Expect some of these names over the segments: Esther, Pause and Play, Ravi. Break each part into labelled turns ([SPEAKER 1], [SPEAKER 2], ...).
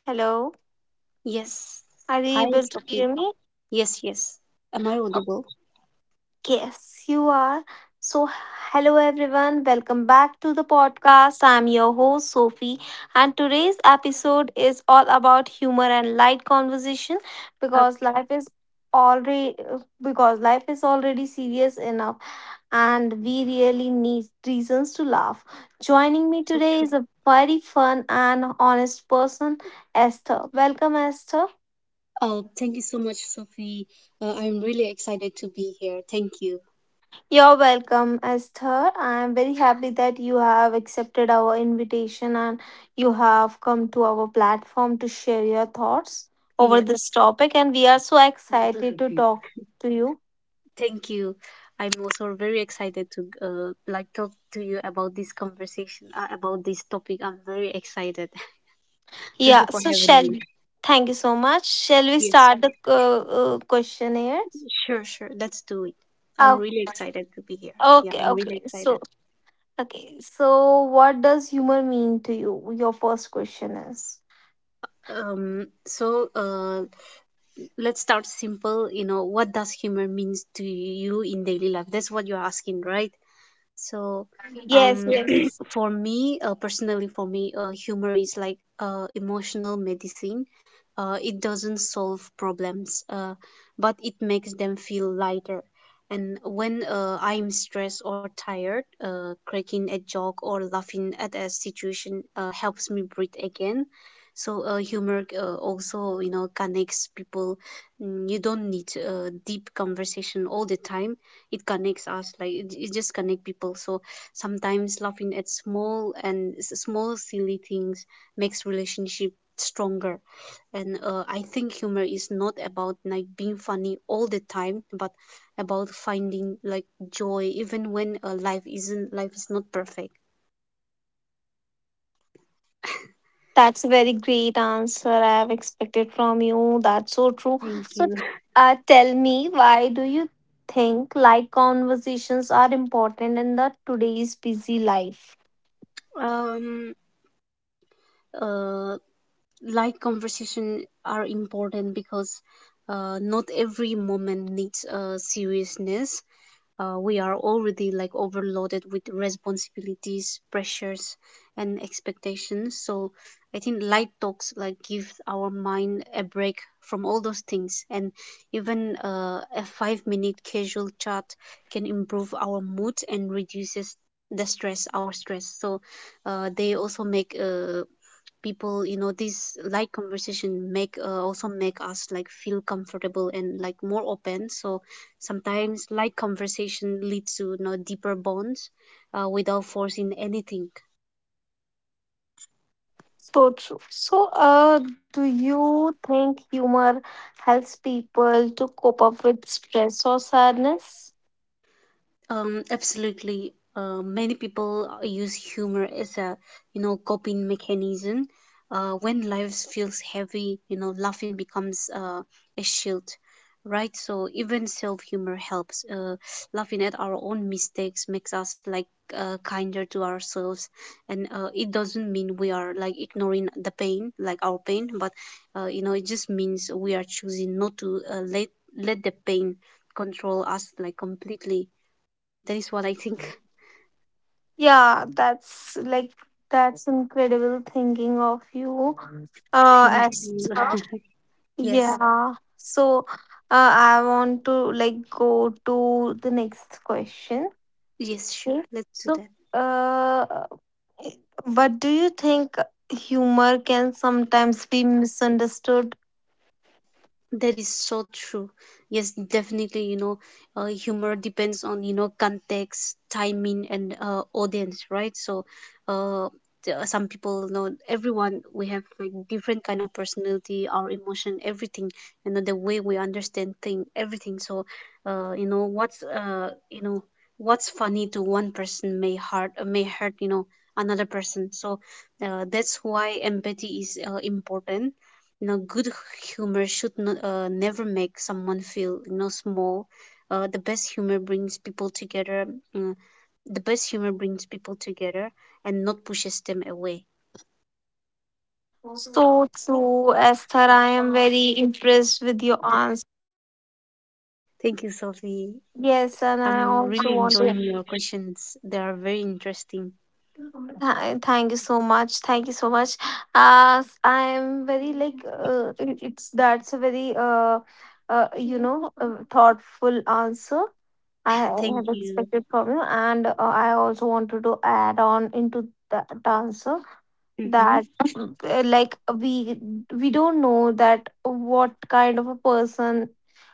[SPEAKER 1] Hello.
[SPEAKER 2] Yes.
[SPEAKER 1] Are you
[SPEAKER 2] Hi,
[SPEAKER 1] able to
[SPEAKER 2] Sophie.
[SPEAKER 1] hear me?
[SPEAKER 2] Yes, yes. Am I audible?
[SPEAKER 1] Yes, you are. So, Hello everyone, welcome back to the podcast. I'm your host, Sophie, and today's episode is all about humor and light conversation
[SPEAKER 2] That's
[SPEAKER 1] because life is already because life is already serious enough and we really need reasons to laugh. Joining me
[SPEAKER 2] so
[SPEAKER 1] today
[SPEAKER 2] true.
[SPEAKER 1] is a very fun and honest person, Esther. Welcome, Esther.
[SPEAKER 2] Oh, thank you so much, Sophie. I'm really excited to be here. Thank you.
[SPEAKER 1] You're welcome, Esther. I am very happy that you have accepted our invitation and you have come to our platform to share your thoughts over
[SPEAKER 2] Yeah,
[SPEAKER 1] this topic. And we are so excited to talk to you.
[SPEAKER 2] thank you. I'm also very excited to like talk to you about this conversation, about this topic. I'm very excited. Thank you
[SPEAKER 1] Yeah,
[SPEAKER 2] for
[SPEAKER 1] so
[SPEAKER 2] having
[SPEAKER 1] shall
[SPEAKER 2] me.
[SPEAKER 1] Thank you so much. Shall we
[SPEAKER 2] Yes,
[SPEAKER 1] start the questionnaire?
[SPEAKER 2] sure, sure. Let's do it. I'm
[SPEAKER 1] Okay.
[SPEAKER 2] really excited to be here. Yeah,
[SPEAKER 1] Okay,
[SPEAKER 2] I'm really
[SPEAKER 1] okay.
[SPEAKER 2] excited.
[SPEAKER 1] So, okay, so what does humor mean to you? Your first question is.
[SPEAKER 2] Um, so uh, let's start simple, you know, what does humor means to you in daily life, that's what you're asking, right? So,
[SPEAKER 1] Yes,
[SPEAKER 2] um,
[SPEAKER 1] yes.
[SPEAKER 2] for me, personally, for me, humor is like emotional medicine. It doesn't solve problems, but it makes them feel lighter. And when I'm stressed or tired, cracking a joke or laughing at a situation helps me breathe again. So humor also, you know, connects people. You don't need deep conversation all the time. It connects us, like it just connect people. So sometimes laughing at small silly things makes relationship stronger. And I think humor is not about like being funny all the time, but about finding like joy even when life is not perfect.
[SPEAKER 1] That's a very great answer I have expected from you. That's so true.
[SPEAKER 2] Thank
[SPEAKER 1] So,
[SPEAKER 2] you.
[SPEAKER 1] tell me, why do you think light conversations are important in the today's busy life?
[SPEAKER 2] um uh Light conversation are important because not every moment needs seriousness. We are already like overloaded with responsibilities, pressures, and expectations. So I think light talks like give our mind a break from all those things, and even a five-minute casual chat can improve our mood and reduces our stress. So they also make people, you know, these light conversation make us like feel comfortable and like more open. So sometimes light conversation leads to, you know, deeper bonds, without forcing anything.
[SPEAKER 1] So true. So, do you think humor helps people to cope up with stress or sadness?
[SPEAKER 2] Absolutely. Many people use humor as a, you know, coping mechanism. When life feels heavy, you know, laughing becomes a shield, right? So even self-humor helps. Laughing at our own mistakes makes us like kinder to ourselves, and it doesn't mean we are like ignoring the pain, like our pain, but you know, it just means we are choosing not to let the pain control us like completely. That is what I think.
[SPEAKER 1] Yeah, that's like that's incredible thinking of you.
[SPEAKER 2] Thank
[SPEAKER 1] As
[SPEAKER 2] you. Yes,
[SPEAKER 1] Yeah. So I want to like go to the next question.
[SPEAKER 2] yes, sure.
[SPEAKER 1] Okay.
[SPEAKER 2] Let's do
[SPEAKER 1] So
[SPEAKER 2] that.
[SPEAKER 1] uh but do you think humor can sometimes be misunderstood?
[SPEAKER 2] That is so true. Yes, definitely. You know, humor depends on, you know, context, timing, and audience, right? So, uh, some people, you know, everyone, we have like different kind of personality, our emotion, everything. You know, the way we understand thing, everything. So, you know, what's funny to one person may hurt, you know, another person. So, that's why empathy is important. You know, good humor should not, never make someone feel, you know, small. Uh, the best humor brings people together. Uh, the best humor brings people together and not pushes them away.
[SPEAKER 1] So true, Esther. I am very impressed with your answer.
[SPEAKER 2] Thank you, Sophie. I'm really enjoying
[SPEAKER 1] Yes,
[SPEAKER 2] your
[SPEAKER 1] and I
[SPEAKER 2] questions.
[SPEAKER 1] also
[SPEAKER 2] They are
[SPEAKER 1] wanted
[SPEAKER 2] very interesting.
[SPEAKER 1] Hi, thank you so much. Thank you so much. I am very like it- it's that's a very thoughtful answer
[SPEAKER 2] Thank
[SPEAKER 1] I
[SPEAKER 2] you.
[SPEAKER 1] have expected from you, and I also wanted to add on into that answer
[SPEAKER 2] Mm-hmm.
[SPEAKER 1] that like we don't know that what kind of a person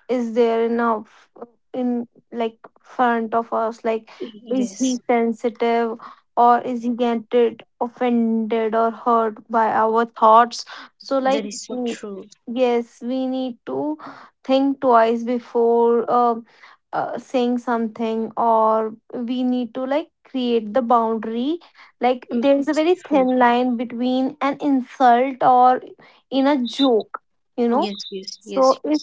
[SPEAKER 1] is there in our f- in like front of us, like is
[SPEAKER 2] Yes,
[SPEAKER 1] he sensitive or is he get it offended or hurt by our thoughts? So like
[SPEAKER 2] that is so
[SPEAKER 1] mm,
[SPEAKER 2] true.
[SPEAKER 1] yes, we need to think twice before saying something, or we need to like create the boundary. Like there's a very
[SPEAKER 2] Mm,
[SPEAKER 1] thin line
[SPEAKER 2] true.
[SPEAKER 1] between an insult or in a
[SPEAKER 2] Yes,
[SPEAKER 1] joke,
[SPEAKER 2] yes,
[SPEAKER 1] you
[SPEAKER 2] yes,
[SPEAKER 1] know.
[SPEAKER 2] yes.
[SPEAKER 1] So if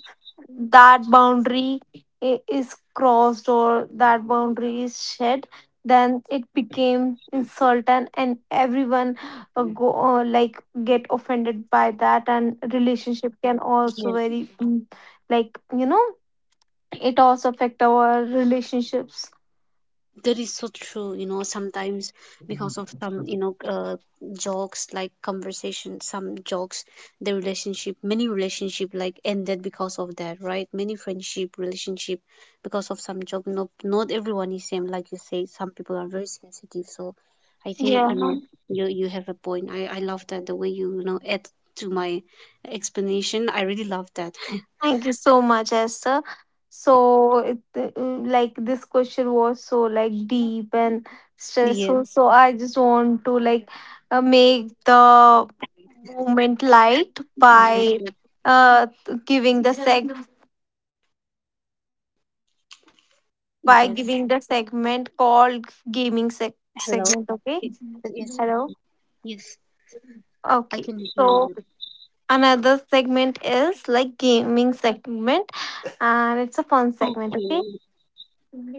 [SPEAKER 1] that boundary is crossed or that boundary is shed, then it became insult, and everyone go like get offended by that, and
[SPEAKER 2] Yes.
[SPEAKER 1] relationship can also very mm, like you know, it also affect our relationships.
[SPEAKER 2] That is so true. You know, sometimes because of some, you know, jokes, like conversation, some jokes, the relationship many relationship like ended because of that, right? Many friendship relationship because of some joke. No, not everyone is same, like you say. Some people are very sensitive, so I think,
[SPEAKER 1] Yeah.
[SPEAKER 2] you know, you have a point. I love that, the way you, you know, add to my explanation. I really love that.
[SPEAKER 1] Thank you so much, Esther. So, it, like this question was so like deep and stressful.
[SPEAKER 2] Yes,
[SPEAKER 1] So I just want to like make the moment light by
[SPEAKER 2] yes, yes,
[SPEAKER 1] uh giving the seg by giving the segment
[SPEAKER 2] yes.
[SPEAKER 1] called gaming
[SPEAKER 2] Hello.
[SPEAKER 1] seg-
[SPEAKER 2] Y-
[SPEAKER 1] segment. Okay,
[SPEAKER 2] yes, yes,
[SPEAKER 1] hello.
[SPEAKER 2] yes, I can hear
[SPEAKER 1] Okay,
[SPEAKER 2] you.
[SPEAKER 1] so another segment is like gaming segment, and it's a
[SPEAKER 2] Okay,
[SPEAKER 1] fun segment. Okay.
[SPEAKER 2] sure, sure.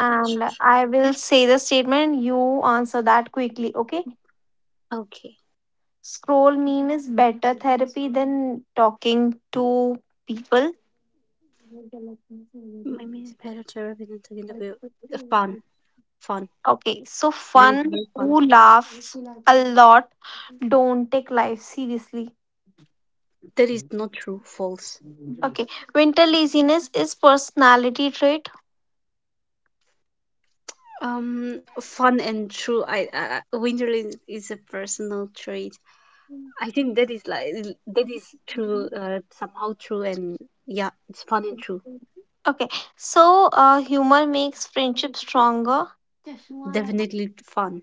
[SPEAKER 1] And I will say the statement, you answer that quickly, okay?
[SPEAKER 2] Okay,
[SPEAKER 1] Scroll meme is better therapy than talking to people.
[SPEAKER 2] my main better to represent talking about the wheel. Uh, fun, Fun.
[SPEAKER 1] Okay, so
[SPEAKER 2] That is
[SPEAKER 1] fun,
[SPEAKER 2] very fun.
[SPEAKER 1] who laughs a lot don't take life seriously.
[SPEAKER 2] That is not true. False.
[SPEAKER 1] Okay, winter laziness is personality trait.
[SPEAKER 2] Fun and true. Winterland is a personal trait. I think that is like that is true. Somehow true, and yeah, it's fun and true.
[SPEAKER 1] Okay, so humor makes friendship stronger.
[SPEAKER 2] Definitely fun.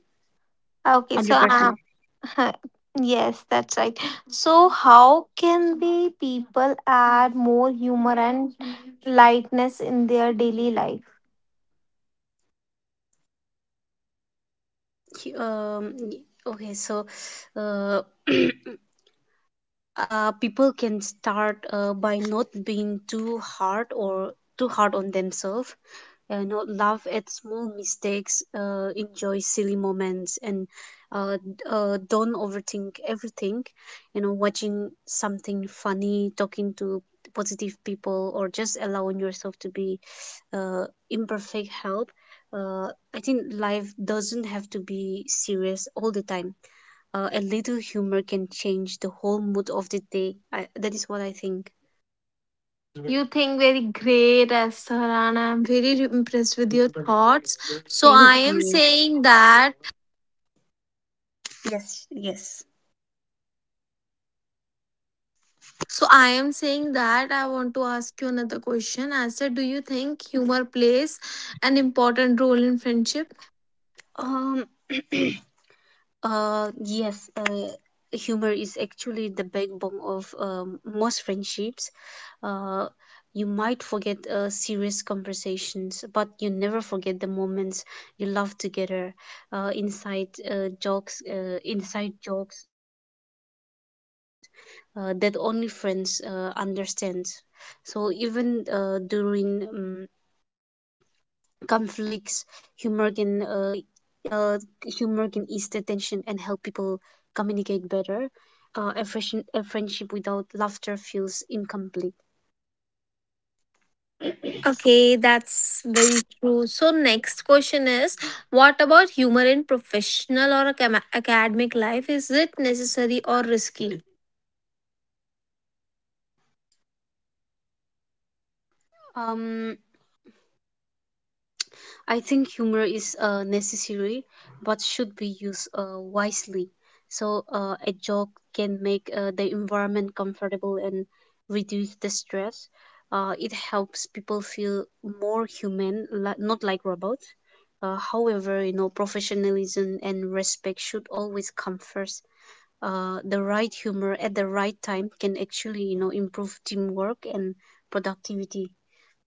[SPEAKER 1] Okay, so
[SPEAKER 2] Hundred percent.
[SPEAKER 1] yes, that's right. So how can we people add more humor and lightness in their daily life?
[SPEAKER 2] He- Um. y- Okay. So, uh, people can start by not being too hard on themselves, not laugh at small mistakes, enjoy silly moments, and don't overthink everything. You know, watching something funny, talking to positive people, or just allowing yourself to be imperfect help. uh, I think life doesn't have to be serious all the time. A little humor can change the whole mood of the day. I, that is what I think.
[SPEAKER 1] You think very great, Esther, and I'm very impressed with your thoughts. So
[SPEAKER 2] Thank
[SPEAKER 1] I am
[SPEAKER 2] you.
[SPEAKER 1] saying that.
[SPEAKER 2] Yes, yes.
[SPEAKER 1] So I am saying that I want to ask you another question. Esther, do you think humor plays an important role in friendship?
[SPEAKER 2] Um, yes, humor is actually the backbone of most friendships. Uh, you might forget serious conversations, but you never forget the moments you laugh together, inside jokes, inside jokes that only friends understand. So even during conflicts, humor can uh, humor can ease the tension and help people communicate better. A friendship without laughter feels incomplete.
[SPEAKER 1] Okay, that's very true. So, next question is what about humor in professional or academic life? Is it necessary or risky?
[SPEAKER 2] Um, I think humor is necessary but should be used wisely. So, a joke can make the environment comfortable and reduce the stress. It helps people feel more human, not like robots. However, you know, professionalism and respect should always come first. The right humor at the right time can actually, you know, improve teamwork and productivity.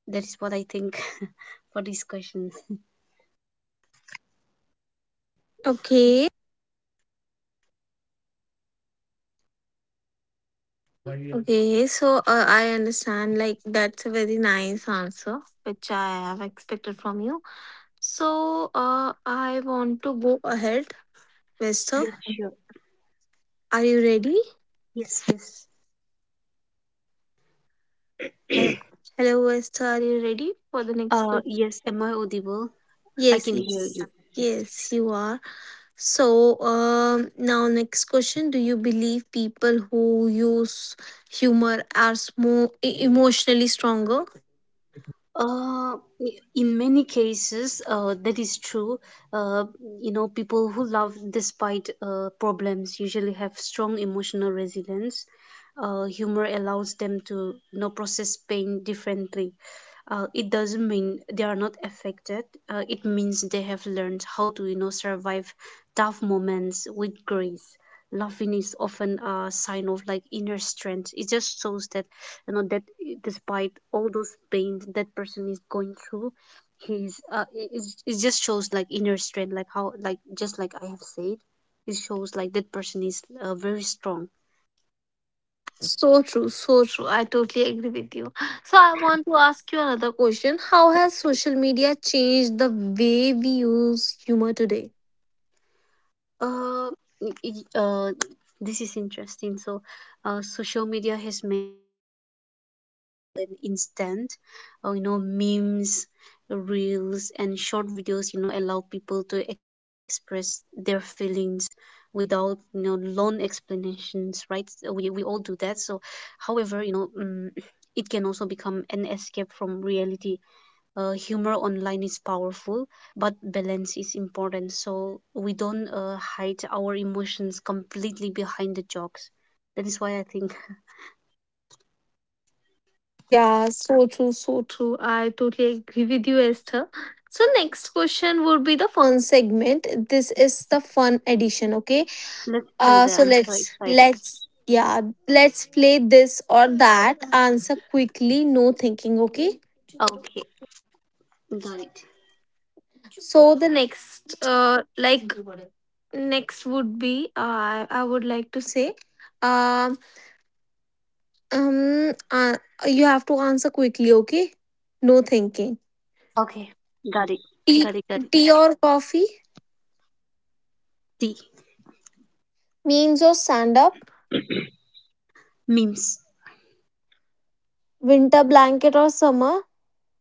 [SPEAKER 2] That is what I think for this question.
[SPEAKER 1] Okay, okay. So, I understand, like, that's a very nice answer, which I have expected from you. So, I want to go ahead. Vesta,
[SPEAKER 2] Yeah, sure.
[SPEAKER 1] are you ready?
[SPEAKER 2] Yes, yes.
[SPEAKER 1] Uh, hello, Vesta, are you ready for the next question?
[SPEAKER 2] Yes, am I audible? I
[SPEAKER 1] Yes,
[SPEAKER 2] can hear
[SPEAKER 1] yes,
[SPEAKER 2] you. Yes.
[SPEAKER 1] yes, you are. So, now next question: do you believe people who use humor are more emotionally stronger?
[SPEAKER 2] Uh, in many cases, that is true. Uh, you know, people who love despite problems usually have strong emotional resilience. Humor allows them to, you know, process pain differently. It doesn't mean they are not affected. It means they have learned how to, you know, survive tough moments with grace. Laughing is often a sign of like inner strength. It just shows that, you know, that despite all those pains that person is going through, he's it just shows like inner strength, like how, like just like I have said, it shows like that person is very strong.
[SPEAKER 1] So true, so true. I totally agree with you. So, I want to ask you another question: how has social media changed the way we use humor today?
[SPEAKER 2] Uh, y- y- uh, this is interesting. So, social media has made an instant, you know, memes, reels, and short videos. You know, allow people to express their feelings without, you know, long explanations. Right? We all do that. So, however, you know, it can also become an escape from reality. Humor online is powerful, but balance is important. So we don't hide our emotions completely behind the jokes. That is why I think.
[SPEAKER 1] Yeah, so true, so true. I totally agree with you, Esther. So, next question would be the fun segment. This is the fun edition, okay?
[SPEAKER 2] Let's
[SPEAKER 1] So
[SPEAKER 2] do that. I'm so
[SPEAKER 1] let's
[SPEAKER 2] excited.
[SPEAKER 1] Yeah, let's play this or that. Answer quickly, no thinking. Okay.
[SPEAKER 2] Okay, got it.
[SPEAKER 1] So the next like next would be I would like to say um um uh, you have to answer quickly. Okay.
[SPEAKER 2] Okay,
[SPEAKER 1] No
[SPEAKER 2] got it.
[SPEAKER 1] thinking.
[SPEAKER 2] Got it. Got it.
[SPEAKER 1] Tea Tea or coffee?
[SPEAKER 2] The
[SPEAKER 1] Means or stand up.
[SPEAKER 2] memes.
[SPEAKER 1] Winter blanket or summer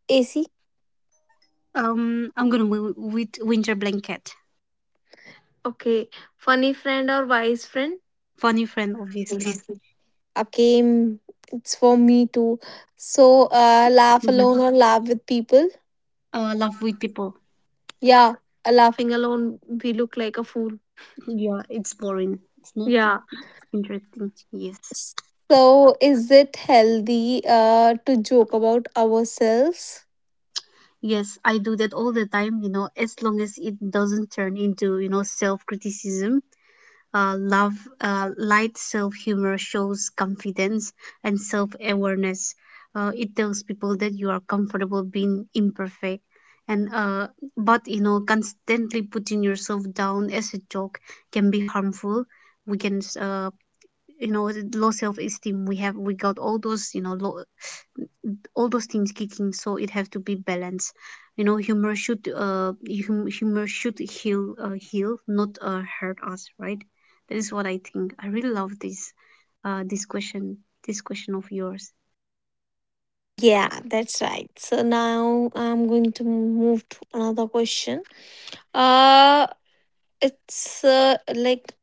[SPEAKER 1] AC.
[SPEAKER 2] I'm gonna with winter blanket.
[SPEAKER 1] Okay. Funny friend or wise friend?
[SPEAKER 2] Funny friend, obviously.
[SPEAKER 1] Okay, it's for me too. So laugh
[SPEAKER 2] Mhm.
[SPEAKER 1] alone or laugh with people?
[SPEAKER 2] Love with people.
[SPEAKER 1] Yeah, laughing alone we look like a fool.
[SPEAKER 2] Yeah, it's boring. It's not
[SPEAKER 1] Yeah,
[SPEAKER 2] interesting. Yes.
[SPEAKER 1] so is it healthy to joke about ourselves?
[SPEAKER 2] Yes, I do that all the time, you know, as long as it doesn't turn into, you know, self-criticism. Uh, love, Light self-humor shows confidence and self-awareness. It tells people that you are comfortable being imperfect. And but you know, constantly putting yourself down as a joke can be harmful. We can, you know, low self-esteem. We have, we got all those, you know, low, all those things kicking, so it have to be balanced. You know, humor should humor should heal, heal not hurt us, right? That is what I think. I really love this, this question, this question of yours.
[SPEAKER 1] Yeah, that's right. So now I'm going to move to another question. Uh, it's like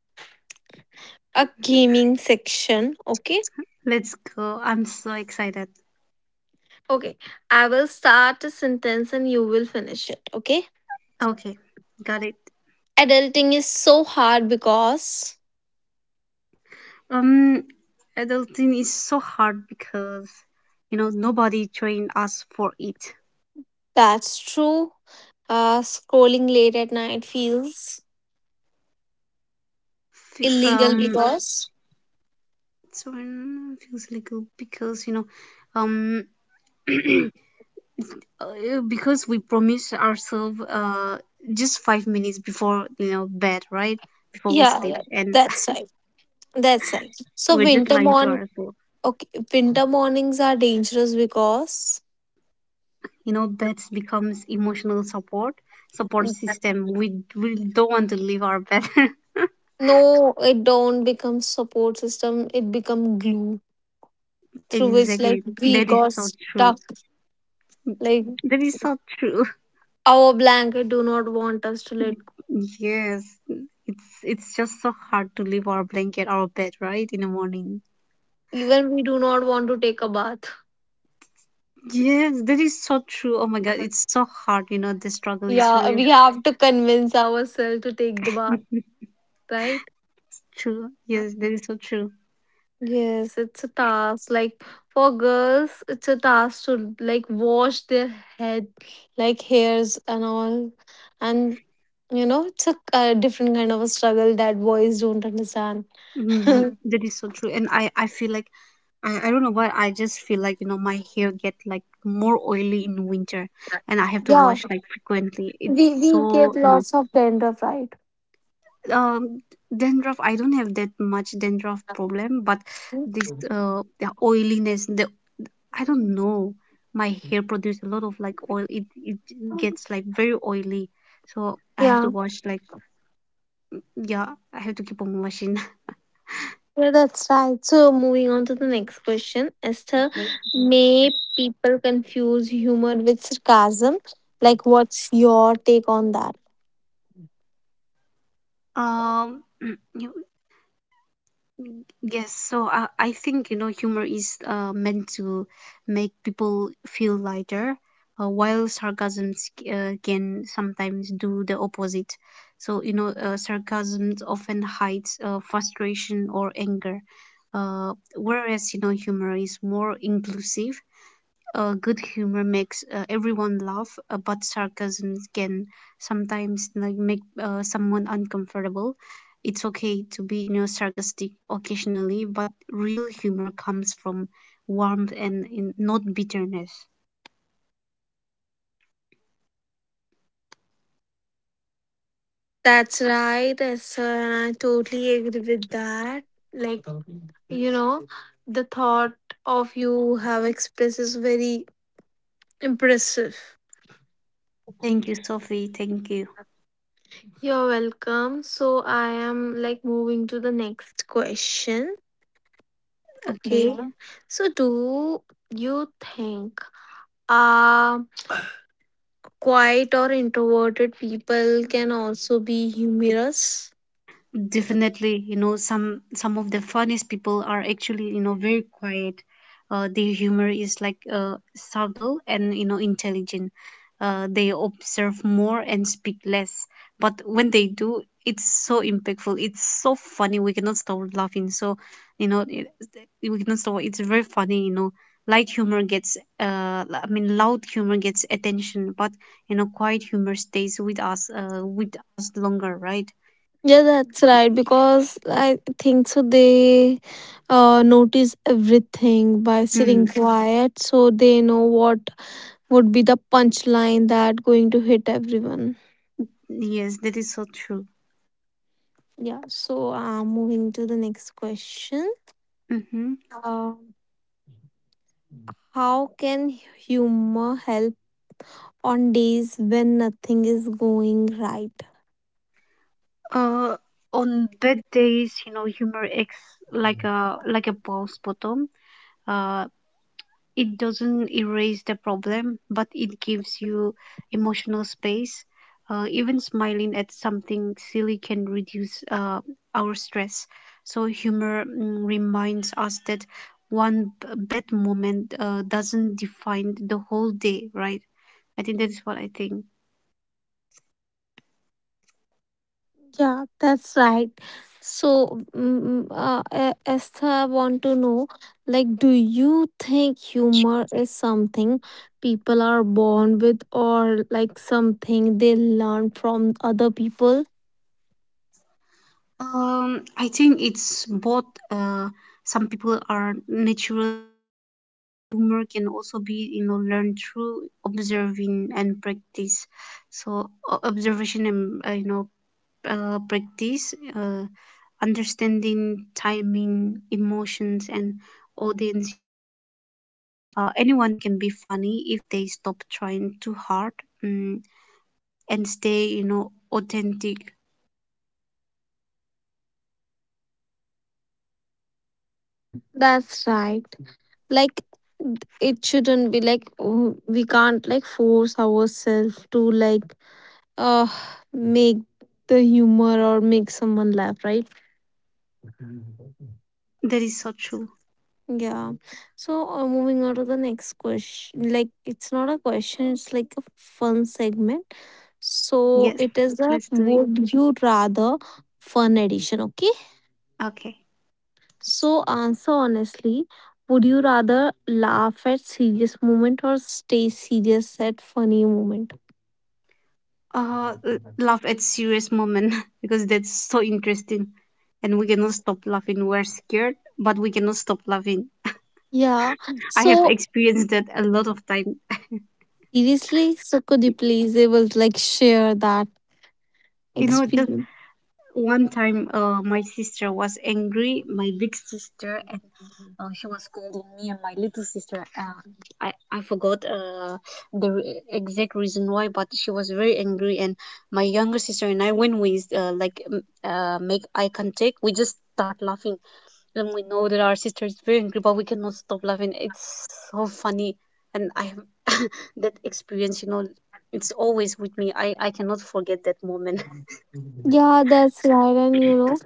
[SPEAKER 1] a gaming section, okay?
[SPEAKER 2] Let's go, I'm so excited.
[SPEAKER 1] Okay, I will start a sentence and you will finish it, okay?
[SPEAKER 2] Okay, got it.
[SPEAKER 1] Adulting is so hard because
[SPEAKER 2] Um, adulting is so hard because, you know, nobody trained us for it.
[SPEAKER 1] that's true. Scrolling late at night feels
[SPEAKER 2] Fe-
[SPEAKER 1] illegal
[SPEAKER 2] um
[SPEAKER 1] because
[SPEAKER 2] so feels like, because, you know, um uh, because we promise ourselves just 5 minutes before, you know, bed, right? Before we
[SPEAKER 1] yeah,
[SPEAKER 2] sleep
[SPEAKER 1] yeah,
[SPEAKER 2] and
[SPEAKER 1] that's right. That's right. So
[SPEAKER 2] we're just
[SPEAKER 1] winter
[SPEAKER 2] lying to
[SPEAKER 1] morn
[SPEAKER 2] ourselves.
[SPEAKER 1] okay, winter mornings are dangerous because
[SPEAKER 2] You know, beds becomes emotional support, support system. We don't want to leave our bed
[SPEAKER 1] no, it don't become support system. It become glue through which like
[SPEAKER 2] exactly,
[SPEAKER 1] we
[SPEAKER 2] that is
[SPEAKER 1] got
[SPEAKER 2] so true.
[SPEAKER 1] stuck. Like
[SPEAKER 2] That is so true.
[SPEAKER 1] our blanket do not want us to let.
[SPEAKER 2] Yes. It's just so hard to leave our blanket, our bed, right, in the morning.
[SPEAKER 1] Even we do not want to take a bath.
[SPEAKER 2] Yes, that is so true. Oh my god, it's so hard. You know, the struggle is
[SPEAKER 1] Yeah,
[SPEAKER 2] real.
[SPEAKER 1] we have to convince ourselves to take the bath, right?
[SPEAKER 2] True. Yes, that is so true.
[SPEAKER 1] Yes, it's a task. Like for girls, it's a task to like wash their head, like hairs and all. And you know, it's a different kind of a struggle that boys don't understand.
[SPEAKER 2] Mm, that is so true. And I feel like, I don't know why. I just feel like, you know, my hair get like more oily in winter, and I have to
[SPEAKER 1] Yeah,
[SPEAKER 2] wash like frequently. It's
[SPEAKER 1] we get
[SPEAKER 2] so, you know,
[SPEAKER 1] lots of dandruff, right?
[SPEAKER 2] um dandruff. I don't have that much dandruff problem, but this, the oiliness, the, I don't know, my hair produce a lot of like oil. It gets like very oily, so I have to
[SPEAKER 1] Yeah.
[SPEAKER 2] wash like, yeah, I have to keep on washing.
[SPEAKER 1] Yeah, that's right. So, moving on to the next question, Esther, may people confuse humor with sarcasm? Like, what's your take on that?
[SPEAKER 2] Um, mm, you, yes. So I think you know humor is meant to make people feel lighter, while sarcasm can sometimes do the opposite. So you know, sarcasm often hides frustration or anger, whereas you know humor is more inclusive. Good humor makes everyone laugh, but sarcasm can sometimes like make someone uncomfortable. It's okay to be you know, sarcastic occasionally, but real humor comes from warmth and in, not bitterness.
[SPEAKER 1] That's right, Esther, and I totally agree with that. Like, you know, the thought of you have expressed is very
[SPEAKER 2] Thank you,
[SPEAKER 1] impressive.
[SPEAKER 2] Sophie. Thank you.
[SPEAKER 1] You're welcome. So, I am like moving to the next question.
[SPEAKER 2] Okay.
[SPEAKER 1] Okay. Okay. So, do you think? Um, quiet or introverted people can also be humorous.
[SPEAKER 2] Definitely, you know, some of the funniest people are actually, you know, very quiet. Their humor is like subtle and you know intelligent. They observe more and speak less. But when they do, it's so impactful. It's so funny. We cannot stop laughing. So, you know, we cannot stop. It's very funny. You know, light humor gets. I mean, loud humor gets attention, but you know, quiet humor stays with us. With us longer, right?
[SPEAKER 1] Yeah, that's right. Because I think so, they notice everything by sitting
[SPEAKER 2] Hmm.
[SPEAKER 1] quiet, so they know what would be the punchline that going to hit everyone.
[SPEAKER 2] Yes, that is so true.
[SPEAKER 1] Yeah. So, moving to the next question.
[SPEAKER 2] Hmm.
[SPEAKER 1] Um, how can humor help on days when nothing is going right?
[SPEAKER 2] Uh, on bad days, you know, humor acts like a pause bottom. Uh, it doesn't erase the problem, but it gives you emotional space. Even smiling at something silly can reduce our stress. So humor reminds us that bad moment doesn't define the whole day, right? I think that is what I think.
[SPEAKER 1] Yeah, that's right. So, mm, Esther, I want to know, like, do you think humor is something people are born with, or like something they learn from other people?
[SPEAKER 2] I think it's both. Some people are natural humor can also be you know learned through observing and practice. So observation and you know practice, understanding timing, emotions, and audience. Anyone can be funny if they stop trying too hard mm, and stay you know authentic.
[SPEAKER 1] That's right. Like, it shouldn't be like oh, we can't like force ourselves to like uh make the humor or make someone laugh, right?
[SPEAKER 2] That is so true.
[SPEAKER 1] Yeah. So moving on to the next question. Like it's not a question, it's like a fun segment.
[SPEAKER 2] Yes,
[SPEAKER 1] So it
[SPEAKER 2] let's
[SPEAKER 1] is
[SPEAKER 2] do
[SPEAKER 1] the
[SPEAKER 2] it.
[SPEAKER 1] would you rather fun edition, okay?
[SPEAKER 2] Okay.
[SPEAKER 1] So answer honestly, would you rather laugh at serious moment or stay serious at funny moment?
[SPEAKER 2] L- laugh at serious moment because that's so interesting, and we cannot stop laughing, we're scared but we cannot stop laughing.
[SPEAKER 1] Yeah.
[SPEAKER 2] I have
[SPEAKER 1] So
[SPEAKER 2] experienced that a lot of time.
[SPEAKER 1] seriously, so could you please able to like share that
[SPEAKER 2] You know, just
[SPEAKER 1] experience?
[SPEAKER 2] one time my sister was angry, my big sister, and she was scolding me and my little sister. Uh, I forgot exact reason why, but she was very angry, and my younger sister and I, when we make eye contact, we just start laughing, and we know that our sister is very angry, but we cannot stop laughing. It's so funny, and I have that experience. You know, it's always with me. I cannot forget that moment.
[SPEAKER 1] Yeah, that's right. And you know,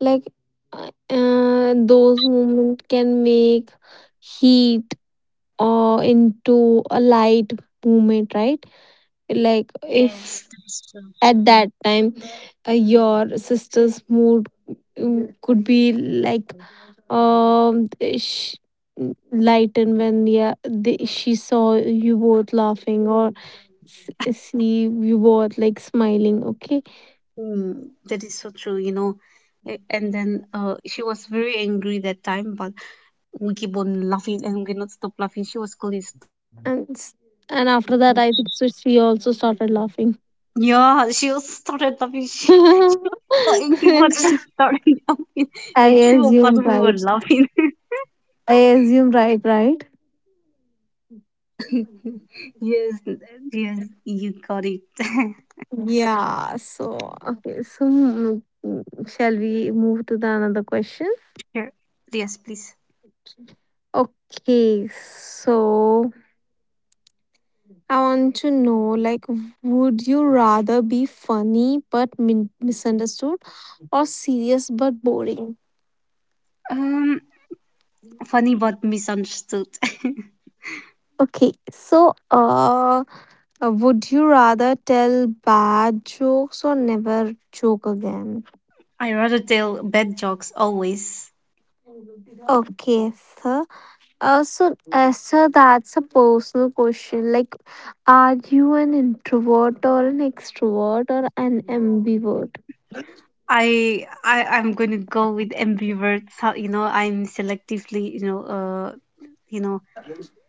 [SPEAKER 1] like those movement can make heat or into a light movement,
[SPEAKER 2] Yes,
[SPEAKER 1] right?
[SPEAKER 2] that's true.
[SPEAKER 1] Like if at that time your sister's mood could be like um sh- lightened when yeah they, she saw you both laughing or see you both like smiling, okay.
[SPEAKER 2] Mm, that is so true. You know, A- and then she was very angry that time, but we keep on laughing and we cannot stop laughing. She was calling.
[SPEAKER 1] and s- and after that I think so she also started laughing.
[SPEAKER 2] Yeah, she was started laughing. She so angry, but she started laughing, and
[SPEAKER 1] I
[SPEAKER 2] two of us we were
[SPEAKER 1] assume right.
[SPEAKER 2] laughing.
[SPEAKER 1] I assume right, right?
[SPEAKER 2] Yes, yes, you got it.
[SPEAKER 1] Yeah, so okay, so mm, mm, shall we move to the another question?
[SPEAKER 2] Sure. Yes, please.
[SPEAKER 1] Okay, so I want to know like would you rather be funny but misunderstood or serious but boring?
[SPEAKER 2] Um, Funny but misunderstood.
[SPEAKER 1] Okay, so would you rather tell bad jokes or never joke again?
[SPEAKER 2] I rather tell bad jokes always.
[SPEAKER 1] Okay, sir. So, sir, that's a personal question. Like, are you an introvert or an extrovert or an ambivert?
[SPEAKER 2] I'm gonna go with ambivert. So, you know, I'm selectively. You know,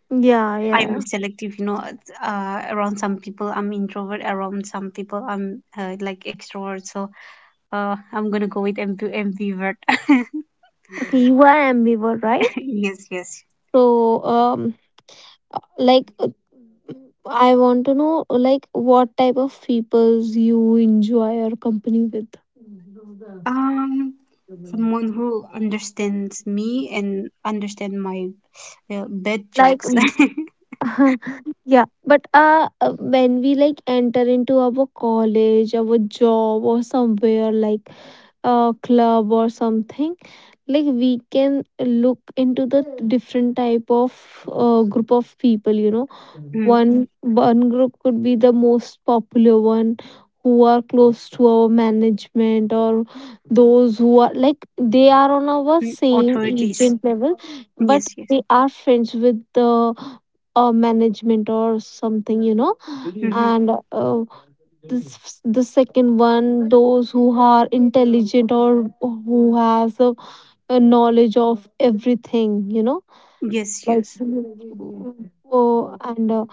[SPEAKER 1] Yeah,
[SPEAKER 2] I'm
[SPEAKER 1] yeah.
[SPEAKER 2] selective. You know, around some people I'm introvert. Around some people I'm like extrovert. So I'm gonna go with ambivert.
[SPEAKER 1] Okay, you are ambivert, right?
[SPEAKER 2] Yes, yes.
[SPEAKER 1] So, like, I want to know, like, what type of peoples you enjoy your company with.
[SPEAKER 2] Um, Someone who understands me and understand my bad
[SPEAKER 1] Like,
[SPEAKER 2] jokes.
[SPEAKER 1] yeah, but when we like enter into our college, our job, or somewhere like club or something, like we can look into the different type of group of people, you know.
[SPEAKER 2] Mm,
[SPEAKER 1] One group could be the most popular one who are close to our management, or those who are like they are on our
[SPEAKER 2] mm,
[SPEAKER 1] same
[SPEAKER 2] authorities.
[SPEAKER 1] agent level, but
[SPEAKER 2] Yes, yes.
[SPEAKER 1] they are friends with the management or something, you know.
[SPEAKER 2] Mm-hmm.
[SPEAKER 1] And this the second one, those who are intelligent or who has a knowledge of everything, you know,
[SPEAKER 2] Yes,
[SPEAKER 1] like
[SPEAKER 2] yes.
[SPEAKER 1] oh and uh,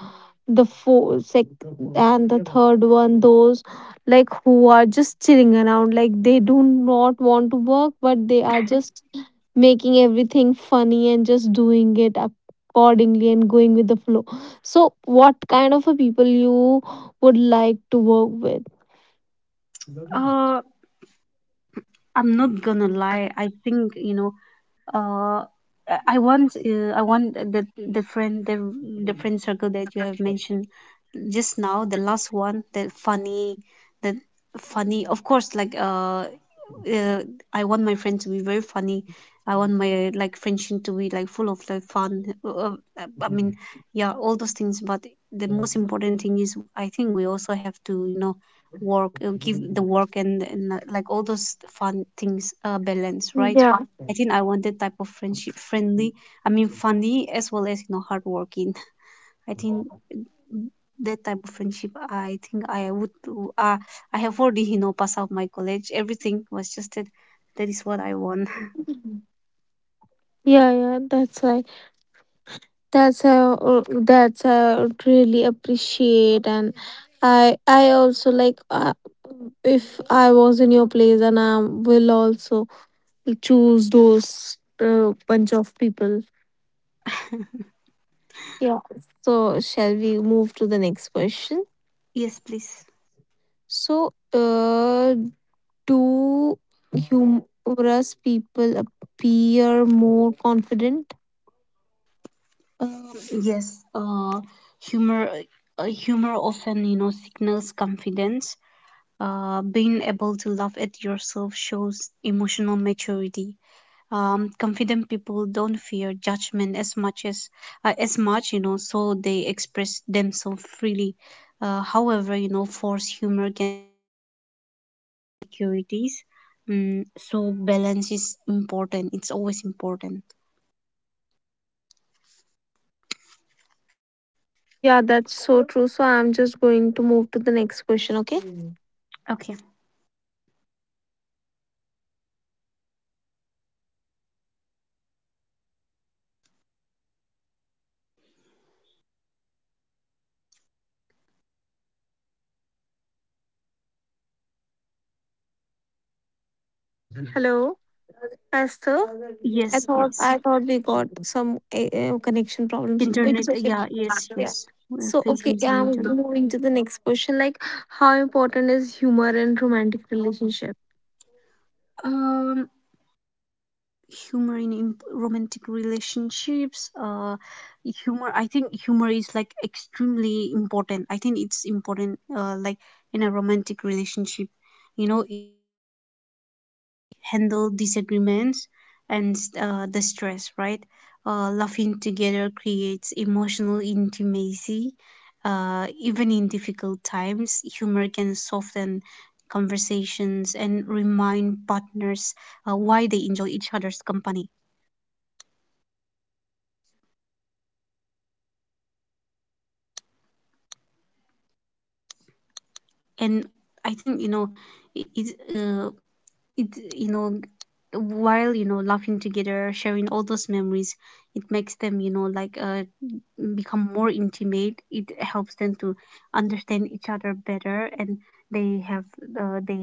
[SPEAKER 1] the four sec and the third one, those, like who are just chilling around, like they do not want to work, but they are just making everything funny and just doing it accordingly and going with the flow. So what kind of a people you would like to work with?
[SPEAKER 2] Uh, I'm not gonna lie. I think you know uh I want I want the friend circle that you have mentioned just now, the last one, the funny, the funny of course like uh I want my friend to be very funny. I want my like friendship to be like full of like fun, I mean, yeah, all those things, but the most important thing is I think we also have to you know work, give the work, and like all those fun things balance, right?
[SPEAKER 1] Yeah,
[SPEAKER 2] I think I want that type of friendship, friendly. I mean, funny as well as you know, hardworking. I think that type of friendship. I think I would. Uh, I have already you know passed out my college. Everything was just that. That is what I want.
[SPEAKER 1] yeah, yeah, that's right. that's how uh, that's how I really appreciate. And I also like, if I was in your place, and I will also choose those bunch of people. Yeah. So shall we move to the next question?
[SPEAKER 2] Yes, please.
[SPEAKER 1] So, uh, do humorous people appear more confident?
[SPEAKER 2] Um, yes. Humor. Humor often you know signals confidence. Being able to laugh at yourself shows emotional maturity. Confident people don't fear judgment as much you know, so they express themselves freely. However you know force humor can insecurities. So balance is important, it's always important.
[SPEAKER 1] Yeah, that's so true. So I'm just going to move to the next
[SPEAKER 2] Okay.
[SPEAKER 1] question, okay? Mm. Hello. As the
[SPEAKER 2] Yes,
[SPEAKER 1] I
[SPEAKER 2] yes,
[SPEAKER 1] thought I thought we got some connection problems.
[SPEAKER 2] internet.
[SPEAKER 1] It's
[SPEAKER 2] Yeah,
[SPEAKER 1] okay.
[SPEAKER 2] yes, yes,
[SPEAKER 1] Yeah.
[SPEAKER 2] we're
[SPEAKER 1] So
[SPEAKER 2] facing
[SPEAKER 1] okay,
[SPEAKER 2] some
[SPEAKER 1] yeah,
[SPEAKER 2] internet.
[SPEAKER 1] I'm moving to the next question. Like, how important is humor in romantic relationship?
[SPEAKER 2] um Humor in romantic relationships. Humor I think humor is like extremely important. I think it's important like in a romantic relationship, you know, handle disagreements and the stress, right? Laughing together creates emotional intimacy. Even in difficult times, humor can soften conversations and remind partners why they enjoy each other's company. And I think you know it, it's it you know, while you know laughing together sharing all those memories, it makes them you know like become more intimate. It helps them to understand each other better, and they have they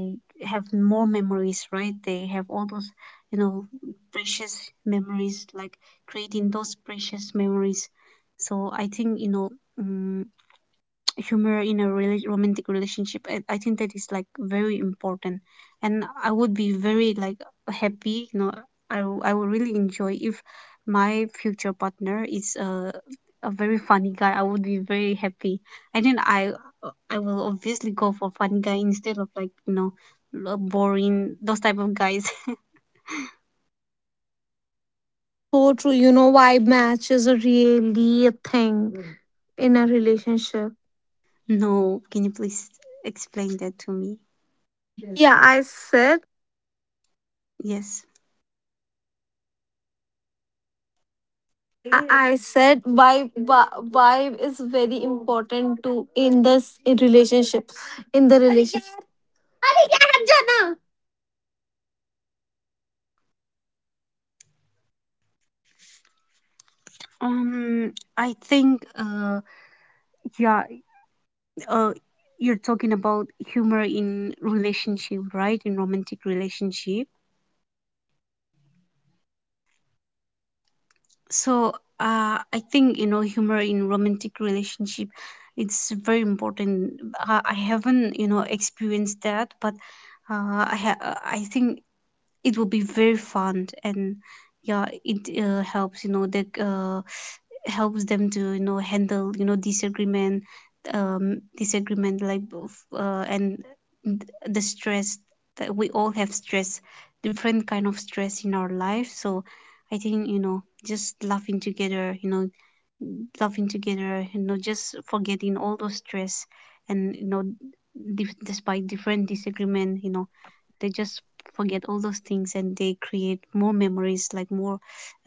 [SPEAKER 2] have more memories, right? They have all those you know precious memories, like creating those precious memories. So I think you know, um, humor in a romantic relationship, I think that is like very important, and I would be very like happy you know, I would really enjoy if my future partner is a very funny guy. I would be very happy. I think I will obviously go for funny guy instead of like you know boring those type of guys.
[SPEAKER 1] So true. You know, vibe match is a really a thing in a relationship.
[SPEAKER 2] No, can you please explain that to me?
[SPEAKER 1] Yeah, I said,
[SPEAKER 2] Yes.
[SPEAKER 1] I said vibe is very important to in this, in the relationship.
[SPEAKER 2] um I think Yeah. uh you're talking about humor in relationship, right? In romantic relationship. So I think you know humor in romantic relationship, it's very important. I haven't you know experienced that, but I think it will be very fun. And yeah, it helps you know that helps them to you know handle you know disagreement. Disagreement like both, and the stress, that we all have stress, different kind of stress in our life. So I think you know just laughing together, you know laughing together, you know just forgetting all those stress, and you know, despite different disagreement, you know, they just forget all those things, and they create more memories, like more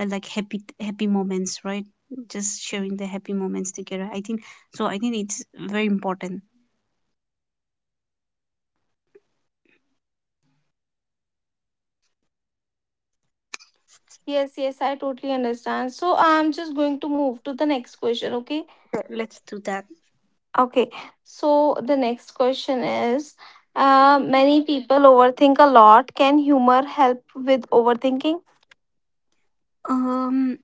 [SPEAKER 2] like happy moments, right? Just sharing the happy moments together, I think. So I think it's very important.
[SPEAKER 1] Yes, yes, I totally understand. So I'm just going to move to the next question, okay?
[SPEAKER 2] Let's do that.
[SPEAKER 1] Okay. So the next question is, many people overthink a lot. Can humor help with overthinking?
[SPEAKER 2] um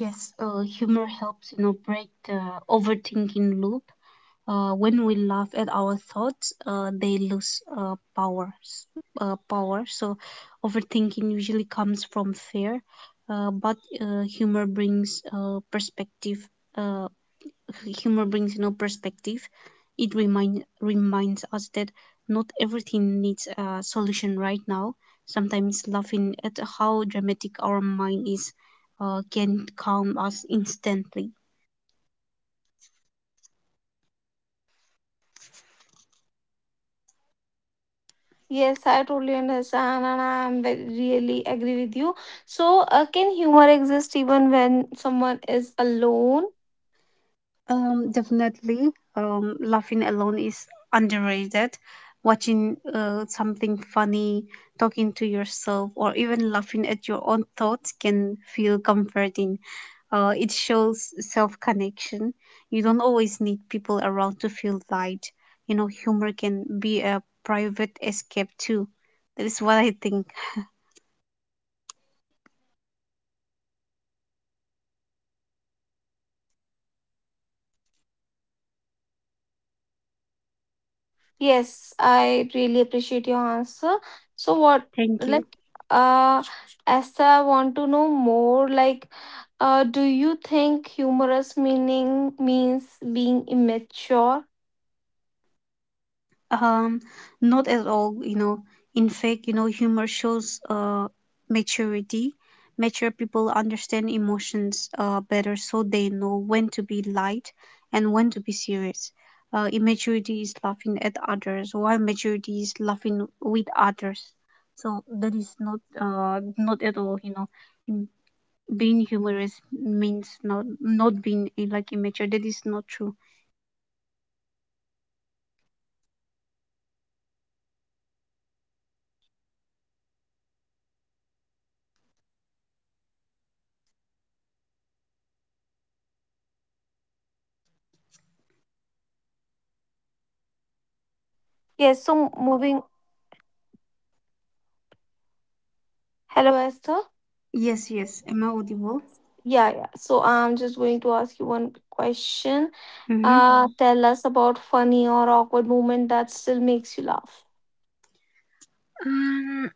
[SPEAKER 2] Yes, humor helps, you know, break the overthinking loop. When we laugh at our thoughts, power. So, overthinking usually comes from fear, but humor brings perspective. Uh, humor brings no perspective. It reminds us that not everything needs a solution right now. Sometimes laughing at how dramatic our mind is can calm us instantly.
[SPEAKER 1] Yes, I totally understand, and I am very, really agree with you. So, can humor exist even when someone is alone?
[SPEAKER 2] Definitely. Laughing alone is underrated. Watching something funny, talking to yourself, or even laughing at your own thoughts can feel comforting. It shows self connection. You don't always need people around to feel light. You know, humor can be a private escape too. That is what I think.
[SPEAKER 1] Yes, I really appreciate your answer. So what,
[SPEAKER 2] Thank you.
[SPEAKER 1] like uh as I want to know more, do you think humorous meaning means being immature?
[SPEAKER 2] Um, Not at all, you know. In fact, you know, humor shows maturity. Mature people understand emotions better, so they know when to be light and when to be serious. Immaturity is laughing at others, while maturity is laughing with others. So that is not not at all, you know. m- Being humorous means not being like immature. That is not true.
[SPEAKER 1] Yes, so moving. Hello, Esther.
[SPEAKER 2] Yes, yes. Am I audible?
[SPEAKER 1] Yeah, yeah. So I'm just going to ask you one question.
[SPEAKER 2] Mm-hmm.
[SPEAKER 1] Tell us about funny or awkward moment that still makes you laugh.
[SPEAKER 2] Um,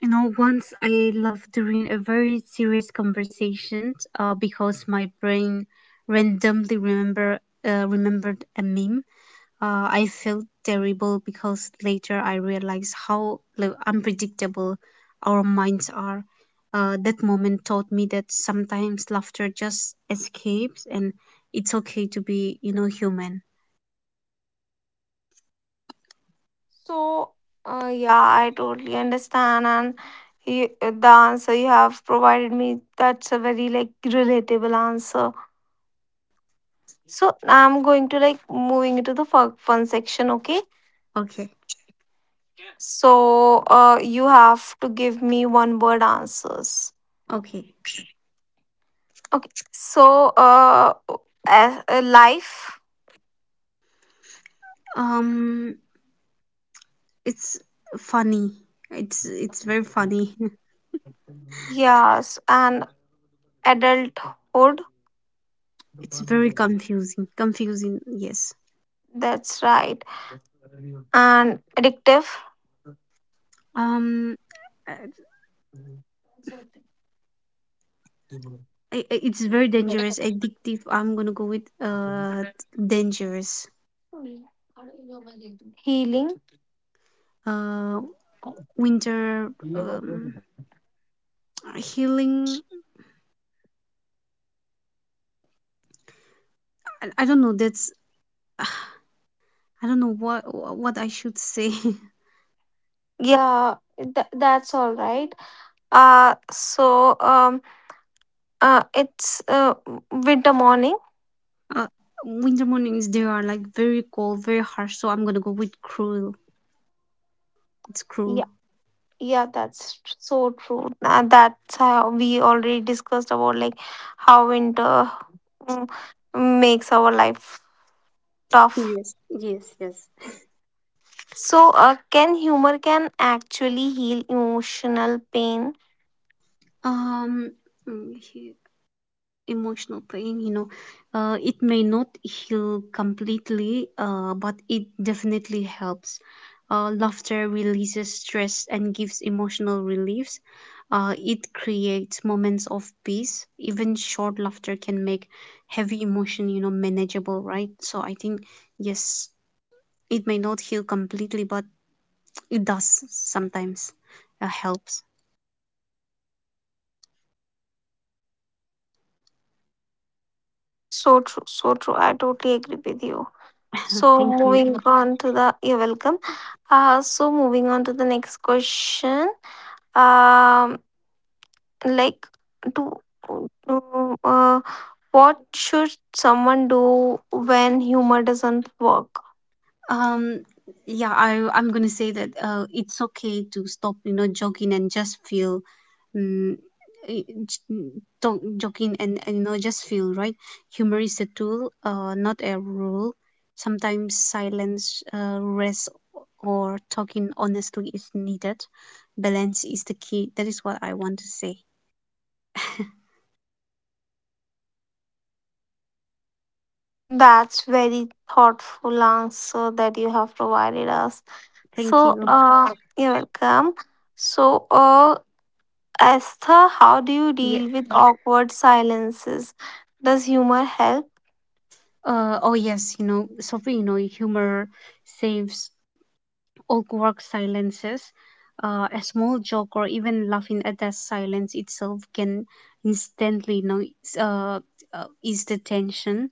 [SPEAKER 2] You know, once I laughed during a very serious conversation because my brain randomly remembered a meme. I felt terrible because later I realized how like, unpredictable our minds are. That moment taught me that sometimes laughter just escapes and it's okay to be, you know, human.
[SPEAKER 1] So, yeah, I totally understand. And you, the answer you have provided me, that's a very, like, relatable answer. So I'm going to, like, moving into the fun section, okay?
[SPEAKER 2] Okay,
[SPEAKER 1] So, you have to give me one word answers.
[SPEAKER 2] okay.
[SPEAKER 1] Okay. So, a life.
[SPEAKER 2] Um, it's funny. It's very funny.
[SPEAKER 1] Yes, and adulthood.
[SPEAKER 2] It's very confusing. Confusing, yes.
[SPEAKER 1] That's right, and addictive.
[SPEAKER 2] Um, uh, it's very dangerous, addictive. I'm gonna go with dangerous.
[SPEAKER 1] Healing.
[SPEAKER 2] Uh, winter um Healing. I don't know. That's I don't know what I should say.
[SPEAKER 1] Yeah, that's all right. So, it's, winter morning.
[SPEAKER 2] uh, Winter mornings, they are like very cold, very harsh. So I'm gonna go with cruel. It's cruel.
[SPEAKER 1] Yeah, yeah, so true. That's how we already discussed about, like, how winter mm, makes our life tough.
[SPEAKER 2] Yes, yes, yes.
[SPEAKER 1] So, can humor can actually heal emotional pain?
[SPEAKER 2] Um, mm, he- Emotional pain, it may not heal completely, but it definitely helps. Laughter releases stress and gives emotional reliefs. It creates moments of peace. Even short laughter can make heavy emotion manageable, right? So I think yes, it may not heal completely, but it does sometimes helps.
[SPEAKER 1] So true, so true. I totally agree with you. So,
[SPEAKER 2] Thank you.
[SPEAKER 1] moving on to the. You're welcome. So moving on to the next question. um like, to, to what should someone do when humor doesn't work?
[SPEAKER 2] Um, yeah, I'm gonna say that, it's okay to stop, you know, jogging and just feel, um, eh, j- don't jogging and you know just feel right. Humor is a tool, not a rule. Sometimes silence, rest, or talking honestly is needed. Balance is the key. That is what I want to say.
[SPEAKER 1] That's very thoughtful answer that you have provided us.
[SPEAKER 2] Thank
[SPEAKER 1] So,
[SPEAKER 2] you.
[SPEAKER 1] you're welcome. So, Esther, how do you
[SPEAKER 2] Yes.
[SPEAKER 1] deal with awkward silences? Does humor help?
[SPEAKER 2] Oh yes, you know, Sophie, you know, humor saves awkward silences. A small joke, or even laughing at that silence itself can instantly know, uh, ease the tension.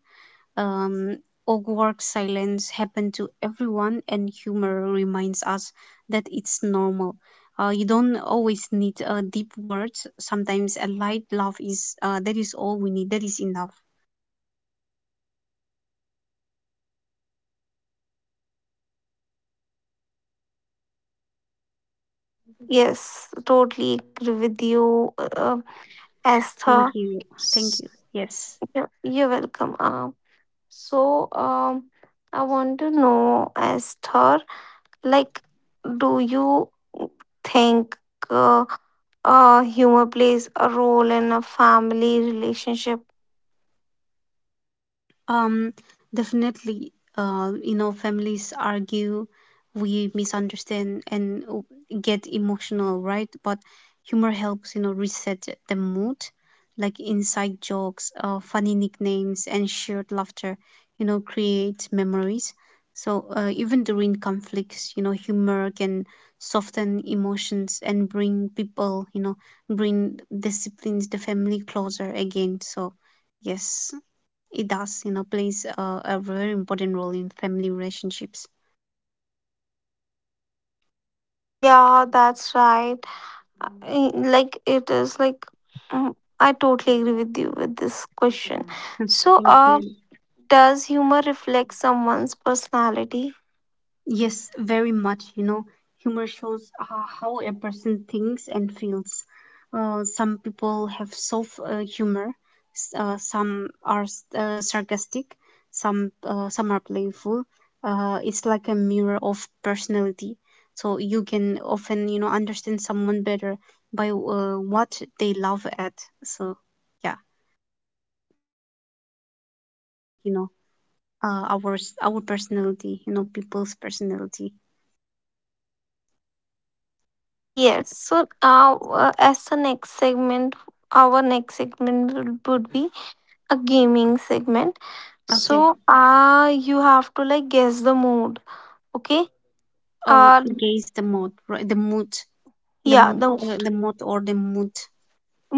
[SPEAKER 2] Um, Awkward silence happen to everyone, and humor reminds us that it's normal. You don't always need deep words. Sometimes a light laugh is, that is all we need. That is enough.
[SPEAKER 1] Yes, totally agree with you. uh, Esther,
[SPEAKER 2] Thank you.
[SPEAKER 1] S-
[SPEAKER 2] Thank you. Yes.
[SPEAKER 1] you're welcome. So, I want to know, Esther, like, do you think uh, humor plays a role in a family relationship?
[SPEAKER 2] Um, Definitely, you know, families argue, we misunderstand and get emotional, right? But humor helps, you know, reset the mood, like inside jokes, funny nicknames, and shared laughter, you know, create memories. So, even during conflicts, you know, humor can soften emotions and bring people, you know, bring disciplines, the family closer again. So, yes. It does, you know, plays a very important role in family relationships.
[SPEAKER 1] Yeah, that's right. Like, it is like, mm, I totally agree with you with this question.
[SPEAKER 2] Hmm.
[SPEAKER 1] So,
[SPEAKER 2] Thank you.
[SPEAKER 1] does humor reflect someone's personality?
[SPEAKER 2] Yes, very much. You know, humor shows how a person thinks and feels. Some people have soft, humor, some are sarcastic, some are playful. It's like a mirror of personality. So you can often, you know, understand someone better by what they love at. So yeah, you know, our our personality, you know, people's personality.
[SPEAKER 1] Yes. So, as the next segment, our next segment would be a gaming segment.
[SPEAKER 2] Okay.
[SPEAKER 1] So, you have to, like, guess the mood. Okay?
[SPEAKER 2] Oh,
[SPEAKER 1] Uh
[SPEAKER 2] gauge the mood, right? The mood, the
[SPEAKER 1] yeah,
[SPEAKER 2] m-
[SPEAKER 1] the
[SPEAKER 2] uh,
[SPEAKER 1] mood.
[SPEAKER 2] the mood or the mood.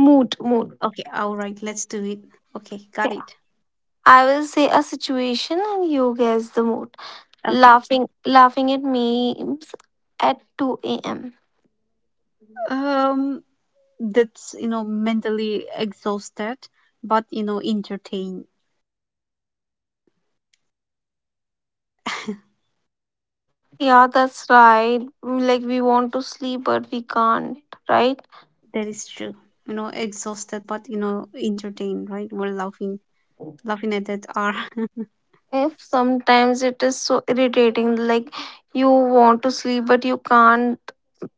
[SPEAKER 1] Mood, mood.
[SPEAKER 2] Okay. All right. Let's do it. Okay. Got it.
[SPEAKER 1] I will say a situation and you guess the mood.
[SPEAKER 2] Okay.
[SPEAKER 1] Laughing at memes at 2 a.m.
[SPEAKER 2] Um, that's, you know, mentally exhausted, but you know entertained.
[SPEAKER 1] Yeah, that's right. Like we want to sleep but we can't, right?
[SPEAKER 2] That is true. You know, exhausted, but you know entertained. Right? We're laughing, laughing at that are.
[SPEAKER 1] If sometimes it is so irritating, like you want to sleep but you can't,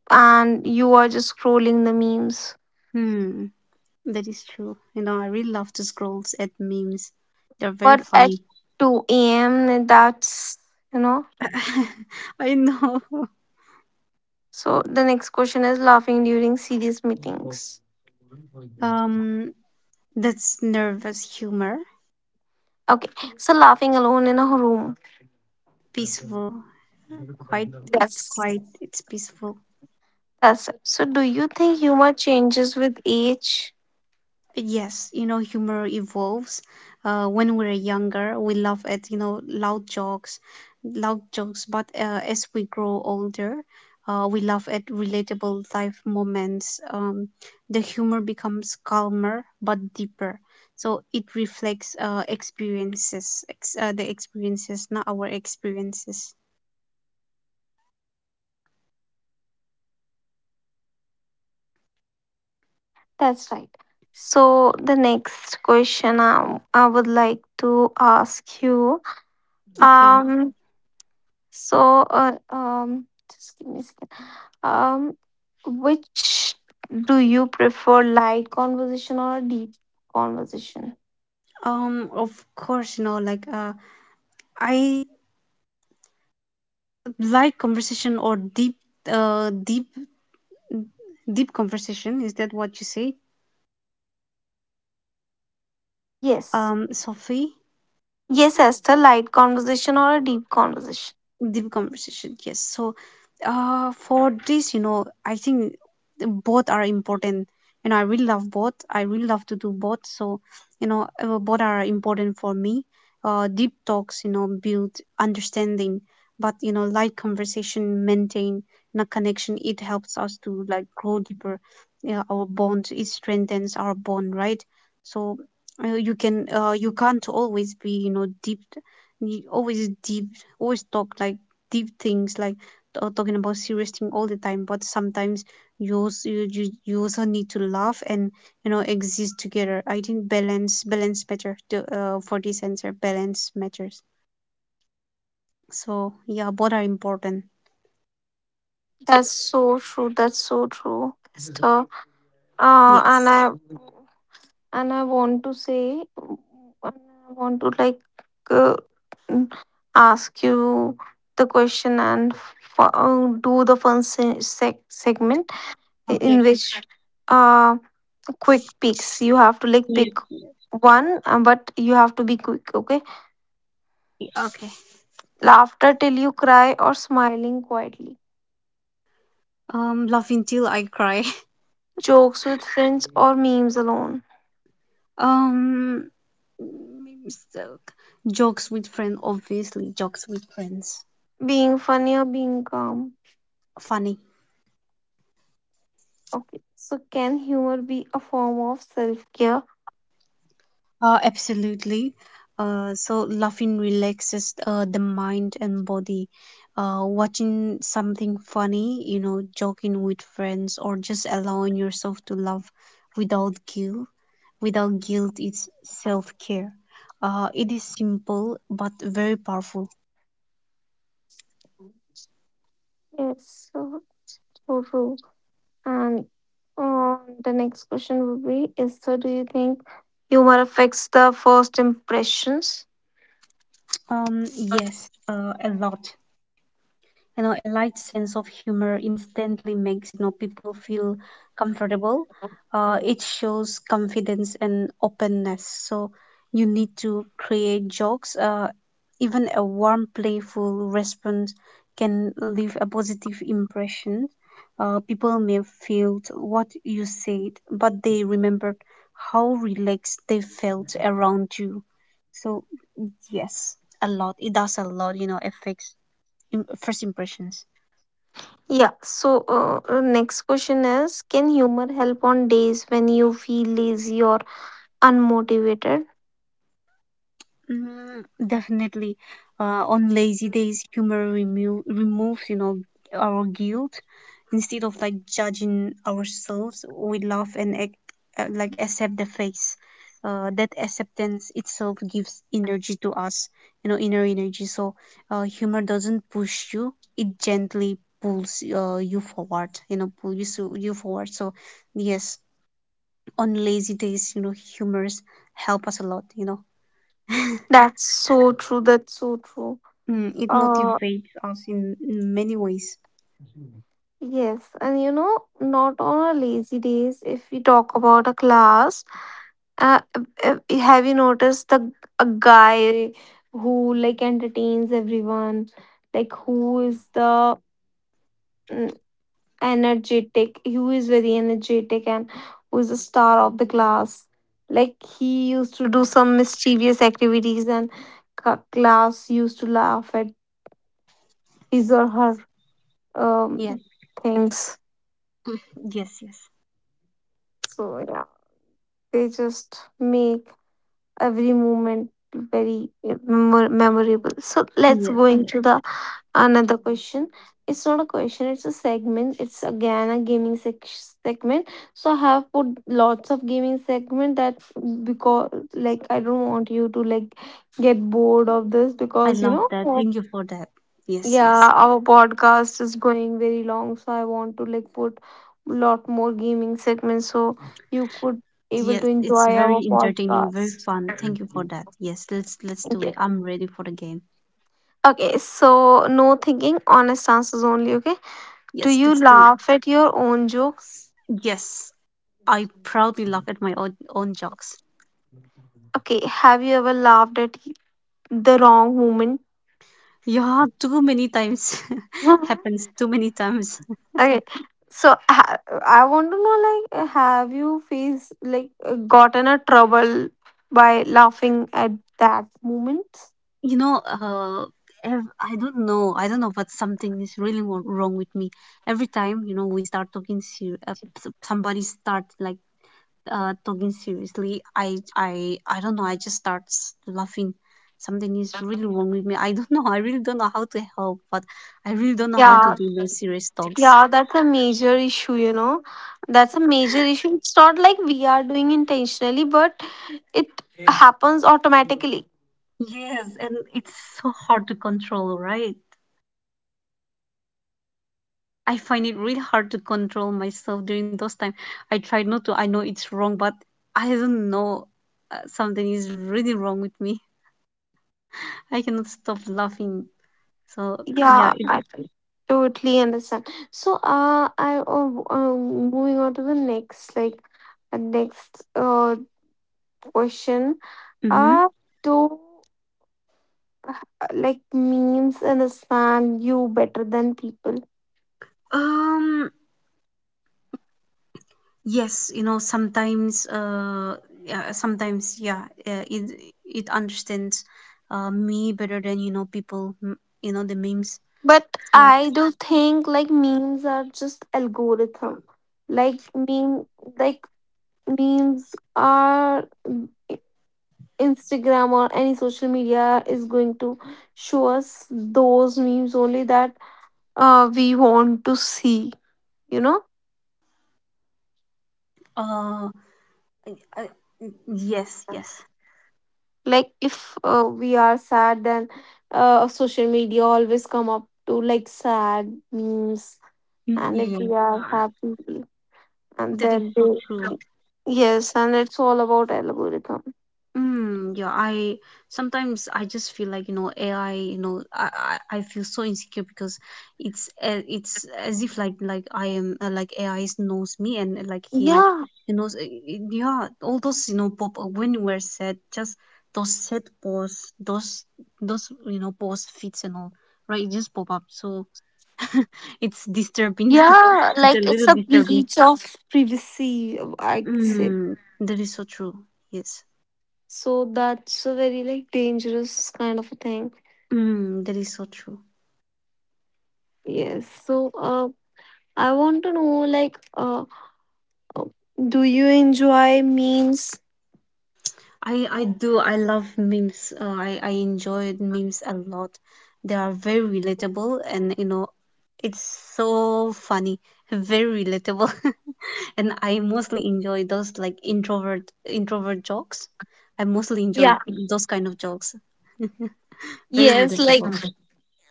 [SPEAKER 1] and you are just scrolling the memes.
[SPEAKER 2] Hmm. That is true. You know, I really love to scrolls at memes. They're very
[SPEAKER 1] But at
[SPEAKER 2] funny.
[SPEAKER 1] 2 a.m., that's, you know.
[SPEAKER 2] I know.
[SPEAKER 1] So the next question is laughing during serious meetings.
[SPEAKER 2] Um, that's nervous humor,
[SPEAKER 1] Okay. So laughing alone in a room.
[SPEAKER 2] peaceful, quite. It's
[SPEAKER 1] That's
[SPEAKER 2] quite. It's peaceful.
[SPEAKER 1] that's it. So do you think humor changes with age?
[SPEAKER 2] Yes, you know, humor evolves. When we're younger, we laugh at, you know, loud jokes, loud jokes. But, as we grow older, we laugh at relatable life moments. The humor becomes calmer but deeper. So it reflects, experiences, the experiences, not our experiences.
[SPEAKER 1] That's right. So the next question, I would like to ask you.
[SPEAKER 2] Okay.
[SPEAKER 1] Um So, just give me a second. Um, which do you prefer, light conversation or a deep conversation?
[SPEAKER 2] Of course, you know, like, I like conversation or deep, uh, deep deep conversation. Is that what you say,
[SPEAKER 1] Yes.
[SPEAKER 2] Sophie?
[SPEAKER 1] Yes, Esther, light conversation or a deep conversation.
[SPEAKER 2] Deep conversation, yes. So, for this, you know, I think both are important. You know, I really love both. I really love to do both. So, you know, both are important for me. Deep talks, you know, build understanding, but you know light conversation maintain you connection. It helps us to like grow deeper. Yeah, our bond, it strengthens our bond, right? So, you can't always be, you know, deep. You always deep, always talk like deep things, like, talking about serious thing all the time, but sometimes you also, you also need to laugh and you know exist together. I think balance, balance better to, for this answer balance matters. So yeah, both are important.
[SPEAKER 1] That's so true. That's so true, Esther. Uh, and I
[SPEAKER 2] Yes.
[SPEAKER 1] and I want to say, and I want to, like, uh, ask you the question and do the fun
[SPEAKER 2] Okay.
[SPEAKER 1] segment. In which, uh quick
[SPEAKER 2] Yeah.
[SPEAKER 1] picks, you have to, like, pick one, but you have to be quick, okay?
[SPEAKER 2] Okay.
[SPEAKER 1] Laughter till you cry or smiling quietly?
[SPEAKER 2] Laugh until I cry.
[SPEAKER 1] Jokes with friends or memes alone?
[SPEAKER 2] um mm, so- Jokes with friends, obviously jokes with friends.
[SPEAKER 1] Being funny or being calm?
[SPEAKER 2] Funny.
[SPEAKER 1] Okay, so can humor be a form of self-care?
[SPEAKER 2] Absolutely. So laughing relaxes, the mind and body. Watching something funny, you know, joking with friends, or just allowing yourself to laugh without guilt. Without guilt, it's self care. It is simple but very powerful.
[SPEAKER 1] Yes, so, so true. And, uh, the next question would be, is so do you think humor affects the first impressions?
[SPEAKER 2] Yes, a lot. You know, a light sense of humor instantly makes you know people feel comfortable. It shows confidence and openness. So you need to create jokes. Even a warm playful response can leave a positive impression. People may feel what you said, but they remembered how relaxed they felt around you. So yes, a lot. It does a lot, you know, affects first impressions.
[SPEAKER 1] Yeah, so, next question is, can humor help on days when you feel lazy or unmotivated?
[SPEAKER 2] Mm, definitely. On lazy days, humor removes, you know, our guilt. Instead of like judging ourselves, we laugh and like accept the face. That acceptance itself gives energy to us, you know, inner energy. So, humor doesn't push you; it gently pulls, you forward, you know, pull you so you forward. So yes, on lazy days, you know, humors help us a lot, you know.
[SPEAKER 1] That's so true. That's so true.
[SPEAKER 2] Mm, it
[SPEAKER 1] Uh,
[SPEAKER 2] motivates us in many ways.
[SPEAKER 1] yes, and you know, not on our lazy days, if we talk about a class, uh, have you noticed the a guy who, like, entertains everyone? Like, who is very energetic and who is a star of the class, like, he used to do some mischievous activities, and class used to laugh at his or her,
[SPEAKER 2] Yes.
[SPEAKER 1] um,
[SPEAKER 2] Mm.
[SPEAKER 1] things.
[SPEAKER 2] Yes, yes.
[SPEAKER 1] So yeah, they just make every moment very, memorable. So
[SPEAKER 2] Yes, yes.
[SPEAKER 1] let's go into the another question. It's not a question, it's a segment. It's again a gaming segment. So I have put lots of gaming segment that because, like, I don't want you to, like, get bored of this,
[SPEAKER 2] I
[SPEAKER 1] because, you
[SPEAKER 2] love
[SPEAKER 1] know,
[SPEAKER 2] that. Thank you for that. Yes, yes.
[SPEAKER 1] yeah, our podcast is going very long, so I want to, like, put lot more gaming segments so you could able
[SPEAKER 2] Yes,
[SPEAKER 1] to
[SPEAKER 2] it's
[SPEAKER 1] enjoy our
[SPEAKER 2] very entertaining, very
[SPEAKER 1] podcast.
[SPEAKER 2] fun. Thank you for that. Yes, let's do it.
[SPEAKER 1] Yeah.
[SPEAKER 2] I'm ready for the game.
[SPEAKER 1] Okay, so no thinking, honest answers only, okay? Do
[SPEAKER 2] Yes,
[SPEAKER 1] you
[SPEAKER 2] let's do it.
[SPEAKER 1] laugh at your own jokes?
[SPEAKER 2] Yes. I proudly laugh at my own jokes.
[SPEAKER 1] Okay, have you ever laughed at the wrong moment?
[SPEAKER 2] Yeah, too many times. Happens too many times.
[SPEAKER 1] Okay, so I want to know, like, have you faced, like, gotten a trouble by laughing at that moment?
[SPEAKER 2] You know, I don't know, but something is really wrong with me. Every time, you know, we start talking somebody starts like, talking seriously, I don't know, I just start laughing. Something is really wrong with me, I don't know. I really don't know how to help, but I really don't know how to
[SPEAKER 1] Yeah,
[SPEAKER 2] do no serious talks.
[SPEAKER 1] yeah, that's a major issue. That's a major issue. It's not like we are doing intentionally, but it happens automatically.
[SPEAKER 2] Yes, and it's so hard to control, right? I find it really hard to control myself during those time. I try not to. I know it's wrong, but I don't know. Something is really wrong with me. I cannot stop laughing. So yeah.
[SPEAKER 1] Yeah,
[SPEAKER 2] It.
[SPEAKER 1] I totally understand. So, I moving on to the next, like, next question.
[SPEAKER 2] Hmm.
[SPEAKER 1] Uh, do, uh, like, memes understand you better than people?
[SPEAKER 2] Um. Yes. You know. Sometimes. Yeah. Sometimes. Yeah. It. It understands. Me better than, you know, people. You know, the memes.
[SPEAKER 1] But
[SPEAKER 2] So.
[SPEAKER 1] I do think like memes are just algorithm. Like, like, memes are, Instagram or any social media is going to show us those memes only that, we want to see, you know.
[SPEAKER 2] Uh. I, I, yes. Yes.
[SPEAKER 1] Like, if, we are sad, then social media always come up to, like, sad memes. And if we
[SPEAKER 2] Yes.
[SPEAKER 1] are happy and
[SPEAKER 2] That is
[SPEAKER 1] then they...
[SPEAKER 2] so true.
[SPEAKER 1] Yes, and it's all about algorithm.
[SPEAKER 2] Mm, yeah, I sometimes I just feel like, you know, AI, you know, I feel so insecure because, it's as if like I am, like AI knows me, and, like he
[SPEAKER 1] Yeah,
[SPEAKER 2] he knows, yeah, all those you know pop, when we're sad, just those sad posts, those you know post fits and all right, it just pop up. So it's disturbing.
[SPEAKER 1] yeah,
[SPEAKER 2] It's a
[SPEAKER 1] like it's
[SPEAKER 2] little
[SPEAKER 1] a
[SPEAKER 2] disturbing.
[SPEAKER 1] breach of privacy, I say.
[SPEAKER 2] Mm, that is so true. Yes.
[SPEAKER 1] So that's a very, like, dangerous kind of a thing.
[SPEAKER 2] Mm, that is so true.
[SPEAKER 1] Yes. So, I want to know, like, do you enjoy memes?
[SPEAKER 2] I do. I love memes. I enjoyed memes a lot. They are very relatable, and you know, it's so funny, very relatable. And I mostly enjoy those like introvert jokes. I mostly enjoy
[SPEAKER 1] Yeah.
[SPEAKER 2] those kind of jokes. Very
[SPEAKER 1] Yes, like.
[SPEAKER 2] relatable.
[SPEAKER 1] Mhm.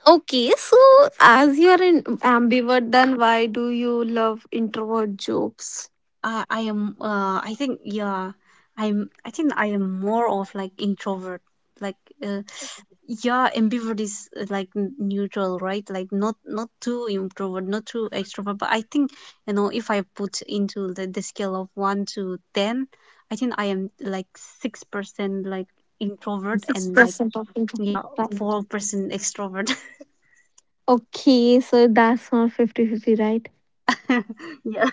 [SPEAKER 1] Okay, so as you're an ambivert, then why do you love introvert jobs?
[SPEAKER 2] I am, I think, yeah, I think I am more of like introvert, like, uh, yeah, ambivert is, like neutral, right, like not too introvert, not too extrovert. But I think, you know, if I put into the scale of 1 to 10, I think I am like 6%, like introvert
[SPEAKER 1] Six
[SPEAKER 2] and like,
[SPEAKER 1] percent of introvert.
[SPEAKER 2] yeah,
[SPEAKER 1] Right.
[SPEAKER 2] 4% extrovert.
[SPEAKER 1] Okay, so that's not fifty-fifty, right?
[SPEAKER 2] Yeah.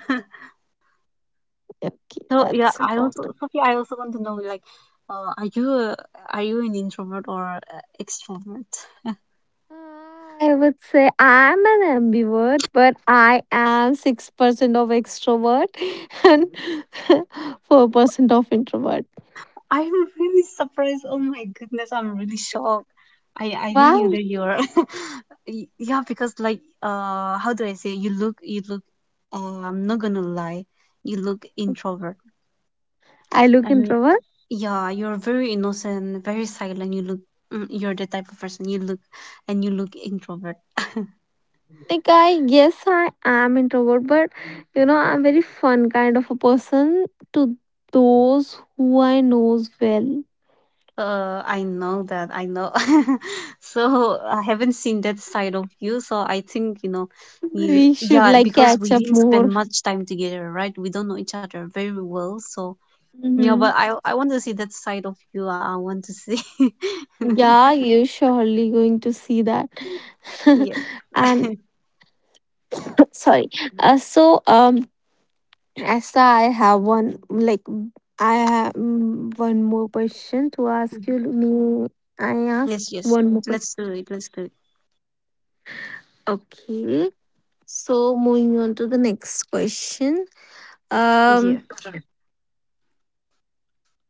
[SPEAKER 1] Okay,
[SPEAKER 2] So yeah,
[SPEAKER 1] that's
[SPEAKER 2] I
[SPEAKER 1] wrong.
[SPEAKER 2] also, Sophie. I also want to know, like, uh, are you a, are you an introvert or a extrovert?
[SPEAKER 1] I would say I'm an ambivert, but I am 6% of extrovert and 4% of introvert.
[SPEAKER 2] I'm really surprised. Oh my goodness, I'm really shocked. I didn't knew
[SPEAKER 1] Wow.
[SPEAKER 2] that you're. Yeah, because like, how do I say? You look. I'm not gonna lie. You look introvert,
[SPEAKER 1] I look
[SPEAKER 2] and
[SPEAKER 1] introvert.
[SPEAKER 2] yeah, you're very innocent, very silent. You look. You're the type of person you look, and you look introvert.
[SPEAKER 1] Like, I... yes, I am introvert, but you know I'm very fun kind of a person to those who I knows well.
[SPEAKER 2] I know that. I know. So I haven't seen that side of you. So I think, you know, you,
[SPEAKER 1] We should,
[SPEAKER 2] yeah,
[SPEAKER 1] like,
[SPEAKER 2] because
[SPEAKER 1] catch
[SPEAKER 2] we
[SPEAKER 1] up
[SPEAKER 2] didn't
[SPEAKER 1] more.
[SPEAKER 2] spend much time together, right? We don't know each other very well. So yeah,
[SPEAKER 1] Hmm.
[SPEAKER 2] but I want to see that side of you. I want to see.
[SPEAKER 1] Yeah, you're surely going to see that.
[SPEAKER 2] Yes.
[SPEAKER 1] and sorry. Uh, so um, as I have one, like, I have, one more question to ask you.
[SPEAKER 2] Yes,
[SPEAKER 1] Me,
[SPEAKER 2] yes.
[SPEAKER 1] I
[SPEAKER 2] Let's do
[SPEAKER 1] ask
[SPEAKER 2] it. Let's do it.
[SPEAKER 1] one more question. Okay. So moving on to the next question.
[SPEAKER 2] Yeah.
[SPEAKER 1] Um,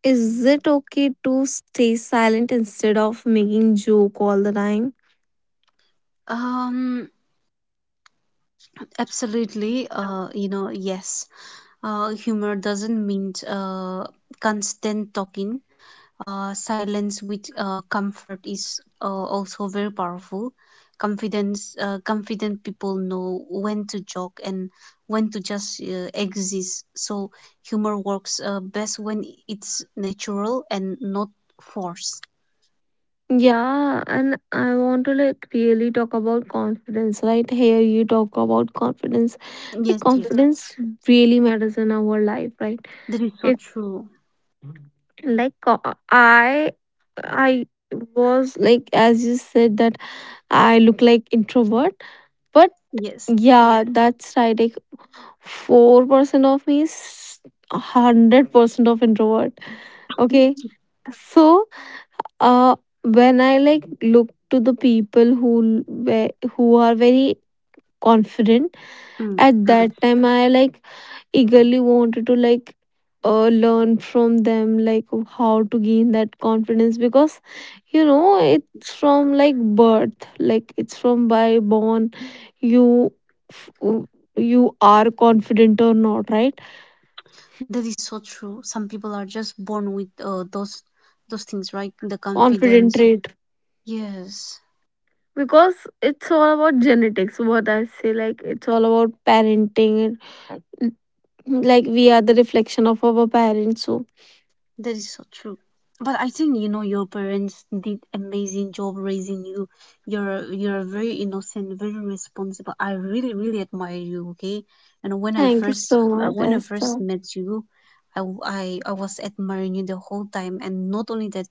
[SPEAKER 1] is it okay to stay silent instead of making joke all the time?
[SPEAKER 2] Um, Absolutely. You know, yes. Humor doesn't mean constant talking. Silence with, comfort is, also very powerful confidence. Confident people know when to joke and when to just exist. So humor works, best when it's natural and not forced.
[SPEAKER 1] Yeah, and I want to, like, really talk about confidence. Right here, you talk about confidence. Like,
[SPEAKER 2] Yes, yes,
[SPEAKER 1] confidence really matters in our life, right?
[SPEAKER 2] that is so
[SPEAKER 1] If,
[SPEAKER 2] true.
[SPEAKER 1] like co- I, I was, like, as you said that I look like introvert, but
[SPEAKER 2] Yes.
[SPEAKER 1] yeah, that's right. 4% of me is 100% of introvert. Okay, so, uh when I, like, look to the people who are very confident,
[SPEAKER 2] Mm,
[SPEAKER 1] at that
[SPEAKER 2] yes.
[SPEAKER 1] time I, like, eagerly wanted to, like, learn from them, like, how to gain that confidence, because, you know, it's from, like, birth, like it's from by born. you f- you are confident or not, right?
[SPEAKER 2] That is so true. Some people are just born with, those things, right? The
[SPEAKER 1] Confident
[SPEAKER 2] confidence.
[SPEAKER 1] trait.
[SPEAKER 2] Yes.
[SPEAKER 1] Because it's all about genetics, what I say, like it's all about parenting and, like, we are the reflection of our parents, so.
[SPEAKER 2] That is so true. But I think you know your parents did amazing job raising you. You're very innocent, very responsible. I really really admire you. Okay, and
[SPEAKER 1] Thank you so much,
[SPEAKER 2] when I first
[SPEAKER 1] Esther.
[SPEAKER 2] met you, I, w- I was admiring you the whole time. And not only that,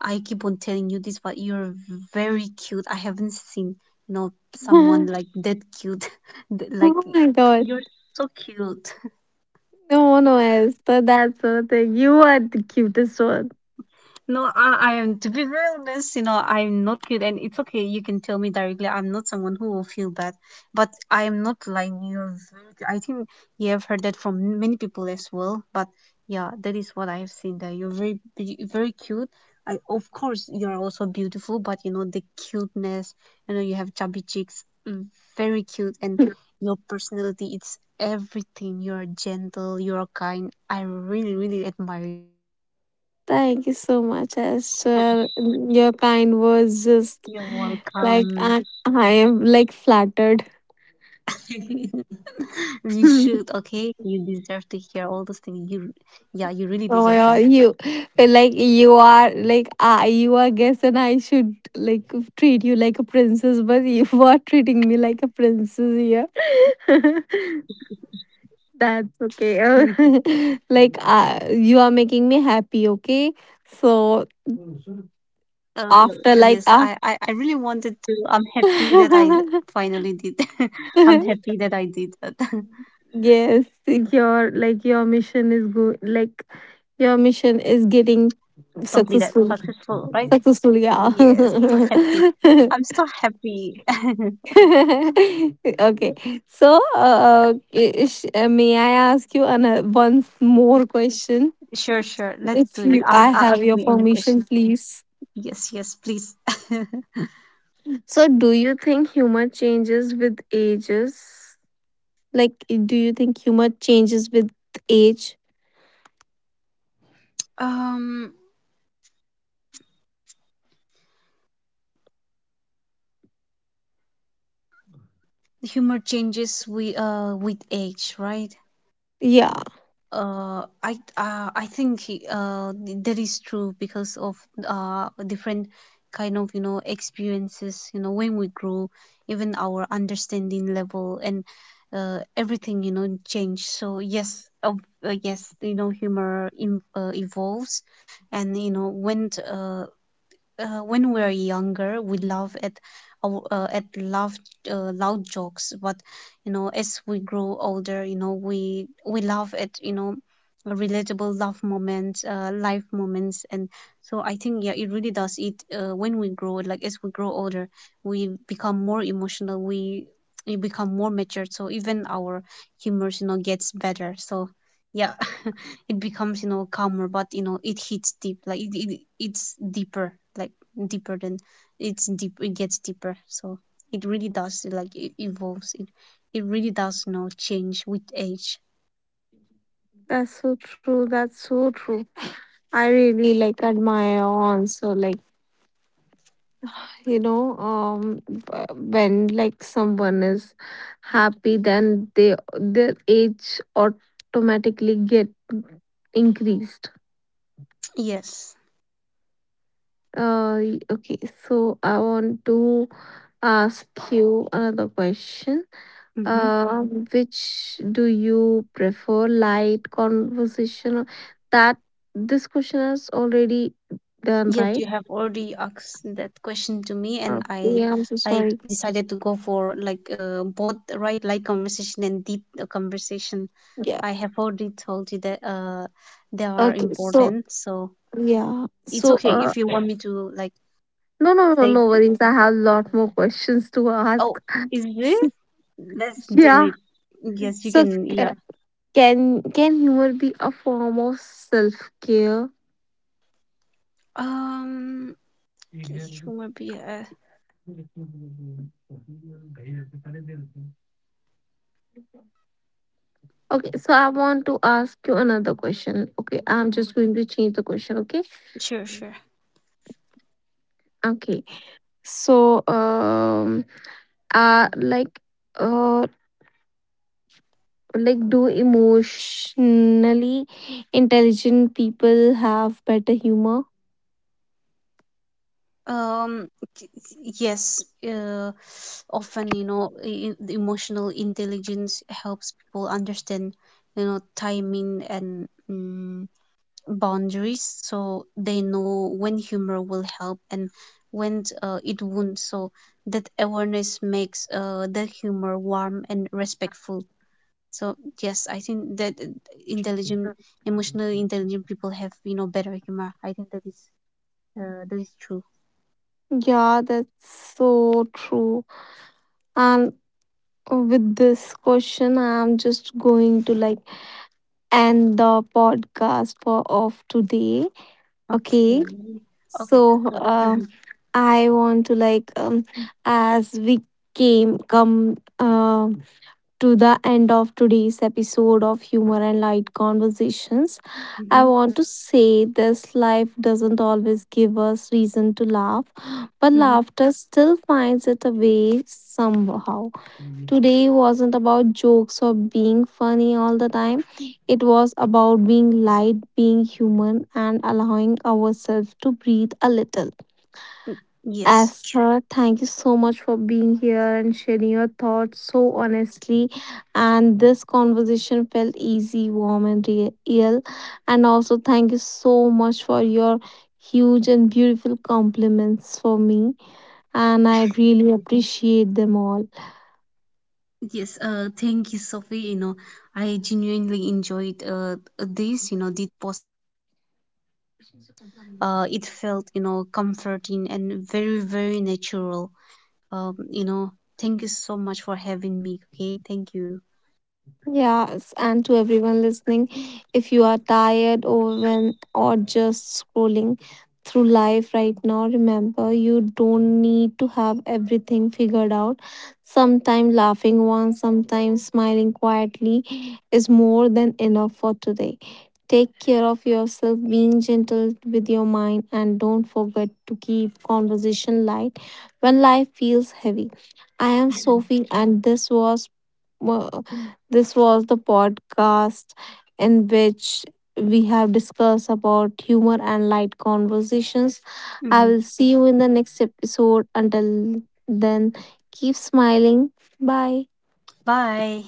[SPEAKER 2] I keep on telling you this, but you're very cute. I haven't seen, you know, someone
[SPEAKER 1] Oh
[SPEAKER 2] like that cute. Like,
[SPEAKER 1] my god.
[SPEAKER 2] you're so cute.
[SPEAKER 1] No, no, Esther, that's the thing, you are the cutest one.
[SPEAKER 2] No, I am, to be very honest, you know, I'm not good, and it's okay. You can tell me directly. I'm not someone who will feel bad, but I am not lying. You're very good. I think you have heard that from many people as well, but yeah, that is what I have seen there. You're very, very cute. I, of course, you're also beautiful, but you know, the cuteness, you know, you have chubby cheeks, mm, very cute, and your personality, it's everything. You're gentle, you're kind. I really, really admire you.
[SPEAKER 1] Thank you so much, Esther, your
[SPEAKER 2] You're
[SPEAKER 1] kind words just,
[SPEAKER 2] welcome.
[SPEAKER 1] like, I am, like, flattered.
[SPEAKER 2] You should, okay? You deserve to hear all those things. You, yeah, you really
[SPEAKER 1] Oh my
[SPEAKER 2] deserve
[SPEAKER 1] god,
[SPEAKER 2] that.
[SPEAKER 1] you are, like, you are guest and I should, like, treat you like a princess, but you are treating me like a princess here. That's okay. Like, you are making me happy, okay? So,
[SPEAKER 2] Uh,
[SPEAKER 1] after, like,
[SPEAKER 2] yes, I really wanted to. I'm happy that I finally did. I'm happy that I did that.
[SPEAKER 1] yes, your mission is good. Like, your mission is getting
[SPEAKER 2] Completed,
[SPEAKER 1] successful.
[SPEAKER 2] successful, right?
[SPEAKER 1] Successful, yeah.
[SPEAKER 2] Yes, so happy. I'm so happy.
[SPEAKER 1] okay. So, may I ask you another one more question?
[SPEAKER 2] Sure, sure. Let's
[SPEAKER 1] If
[SPEAKER 2] do
[SPEAKER 1] you,
[SPEAKER 2] it.
[SPEAKER 1] I
[SPEAKER 2] I'll,
[SPEAKER 1] have
[SPEAKER 2] I'll
[SPEAKER 1] your
[SPEAKER 2] ask me any
[SPEAKER 1] permission,
[SPEAKER 2] question.
[SPEAKER 1] please.
[SPEAKER 2] Yes, yes, please.
[SPEAKER 1] So, do you think humor changes with ages? Like, do you think humor changes with age?
[SPEAKER 2] Um, Humor changes with, with age, right?
[SPEAKER 1] Yeah.
[SPEAKER 2] I think he, that is true because of, different kind of you know experiences. You know, when we grow, even our understanding level and, everything, you know, change. So yes, yes, you know, humor in, evolves. And you know, when we're younger, we laugh at at loud, loud jokes, but you know, as we grow older, you know, we laugh at, you know, relatable love moments, life moments, and so I think yeah, it really does. It When we grow, like as we grow older, we become more emotional. We become more matured, so even our humors, you know, gets better. So yeah. It becomes, you know, calmer, but you know, it hits deep. Like, it it's deeper, like deeper than, it's deep, it gets deeper. So it really does, like, it evolves. It really does, you know, change with age.
[SPEAKER 1] That's so true. That's so true. I really, like, admire also, like, you know, when, like, someone is happy, then they their age automatically get increased.
[SPEAKER 2] Yes.
[SPEAKER 1] Okay, so I want to ask you another question.
[SPEAKER 2] Mm-hmm.
[SPEAKER 1] Uh, which do you prefer, light conversation that, this question is already done,
[SPEAKER 2] Yes, you
[SPEAKER 1] right?
[SPEAKER 2] have already asked that question to me and i
[SPEAKER 1] Okay, I'm so
[SPEAKER 2] i
[SPEAKER 1] sorry.
[SPEAKER 2] decided to go for like, both, right, light conversation and deep, conversation. I have already told you that, they are
[SPEAKER 1] Okay, so
[SPEAKER 2] important. So
[SPEAKER 1] yeah,
[SPEAKER 2] it's
[SPEAKER 1] so
[SPEAKER 2] okay if you want me to like.
[SPEAKER 1] no, no, no,
[SPEAKER 2] They
[SPEAKER 1] no
[SPEAKER 2] do.
[SPEAKER 1] worries. I have a lot more questions to ask.
[SPEAKER 2] Oh, is this? Let's
[SPEAKER 1] So,
[SPEAKER 2] do
[SPEAKER 1] yeah,
[SPEAKER 2] it. Yes, you
[SPEAKER 1] so
[SPEAKER 2] can. Yeah.
[SPEAKER 1] can humor be a form of self care?
[SPEAKER 2] Um, humor be
[SPEAKER 1] Okay, so I want to ask you another question. Okay, I'm just going to change the question. Okay,
[SPEAKER 2] Sure, sure.
[SPEAKER 1] okay. So, like, uh, like, do emotionally intelligent people have better humor?
[SPEAKER 2] Um, yes. Often, you know, emotional intelligence helps people understand, you know, timing and, boundaries, so they know when humor will help and when, it won't. So that awareness makes, the humor warm and respectful. So yes, I think that, intelligent, emotionally intelligent people have, you know, better humor. I think that is, that is true.
[SPEAKER 1] Yeah, that's so true. And with this question, I'm just going to, like, end the podcast for of today. Okay.
[SPEAKER 2] Okay. Okay.
[SPEAKER 1] So,
[SPEAKER 2] So. Mhm.
[SPEAKER 1] I want to, like, as we came come, to the end of today's episode of humor and light conversations. I
[SPEAKER 2] Mhm.
[SPEAKER 1] want to say this life doesn't always give us reason to laugh, but
[SPEAKER 2] Mhm.
[SPEAKER 1] laughter still finds it a way somehow. Today wasn't about jokes or being funny all the time. It was about being light, being human, and allowing ourselves to breathe a little.
[SPEAKER 2] Yes.
[SPEAKER 1] Astra, thank you so much for being here and sharing your thoughts so honestly. And this conversation felt easy, warm, and real. And also, thank you so much for your huge and beautiful compliments for me. And I really appreciate them all.
[SPEAKER 2] Yes. Thank you, Sophie. You know, I genuinely enjoyed, this. You know, this post. It felt, you know, comforting and very very natural. You know. Thank you so much for having me. Okay. Thank you.
[SPEAKER 1] Yes, and to everyone listening, if you are tired, overwhelmed, or just scrolling through life right now, remember you don't need to have everything figured out. Sometimes laughing once, sometimes smiling quietly is more than enough for today. Take care of yourself, being gentle with your mind, and don't forget to keep conversation light when life feels heavy. I am Sophie, and uh, this was the podcast in which we have discussed about humor and light conversations.
[SPEAKER 2] Mhm.
[SPEAKER 1] I will see you in the next episode. Until then, keep smiling. Bye.
[SPEAKER 2] Bye.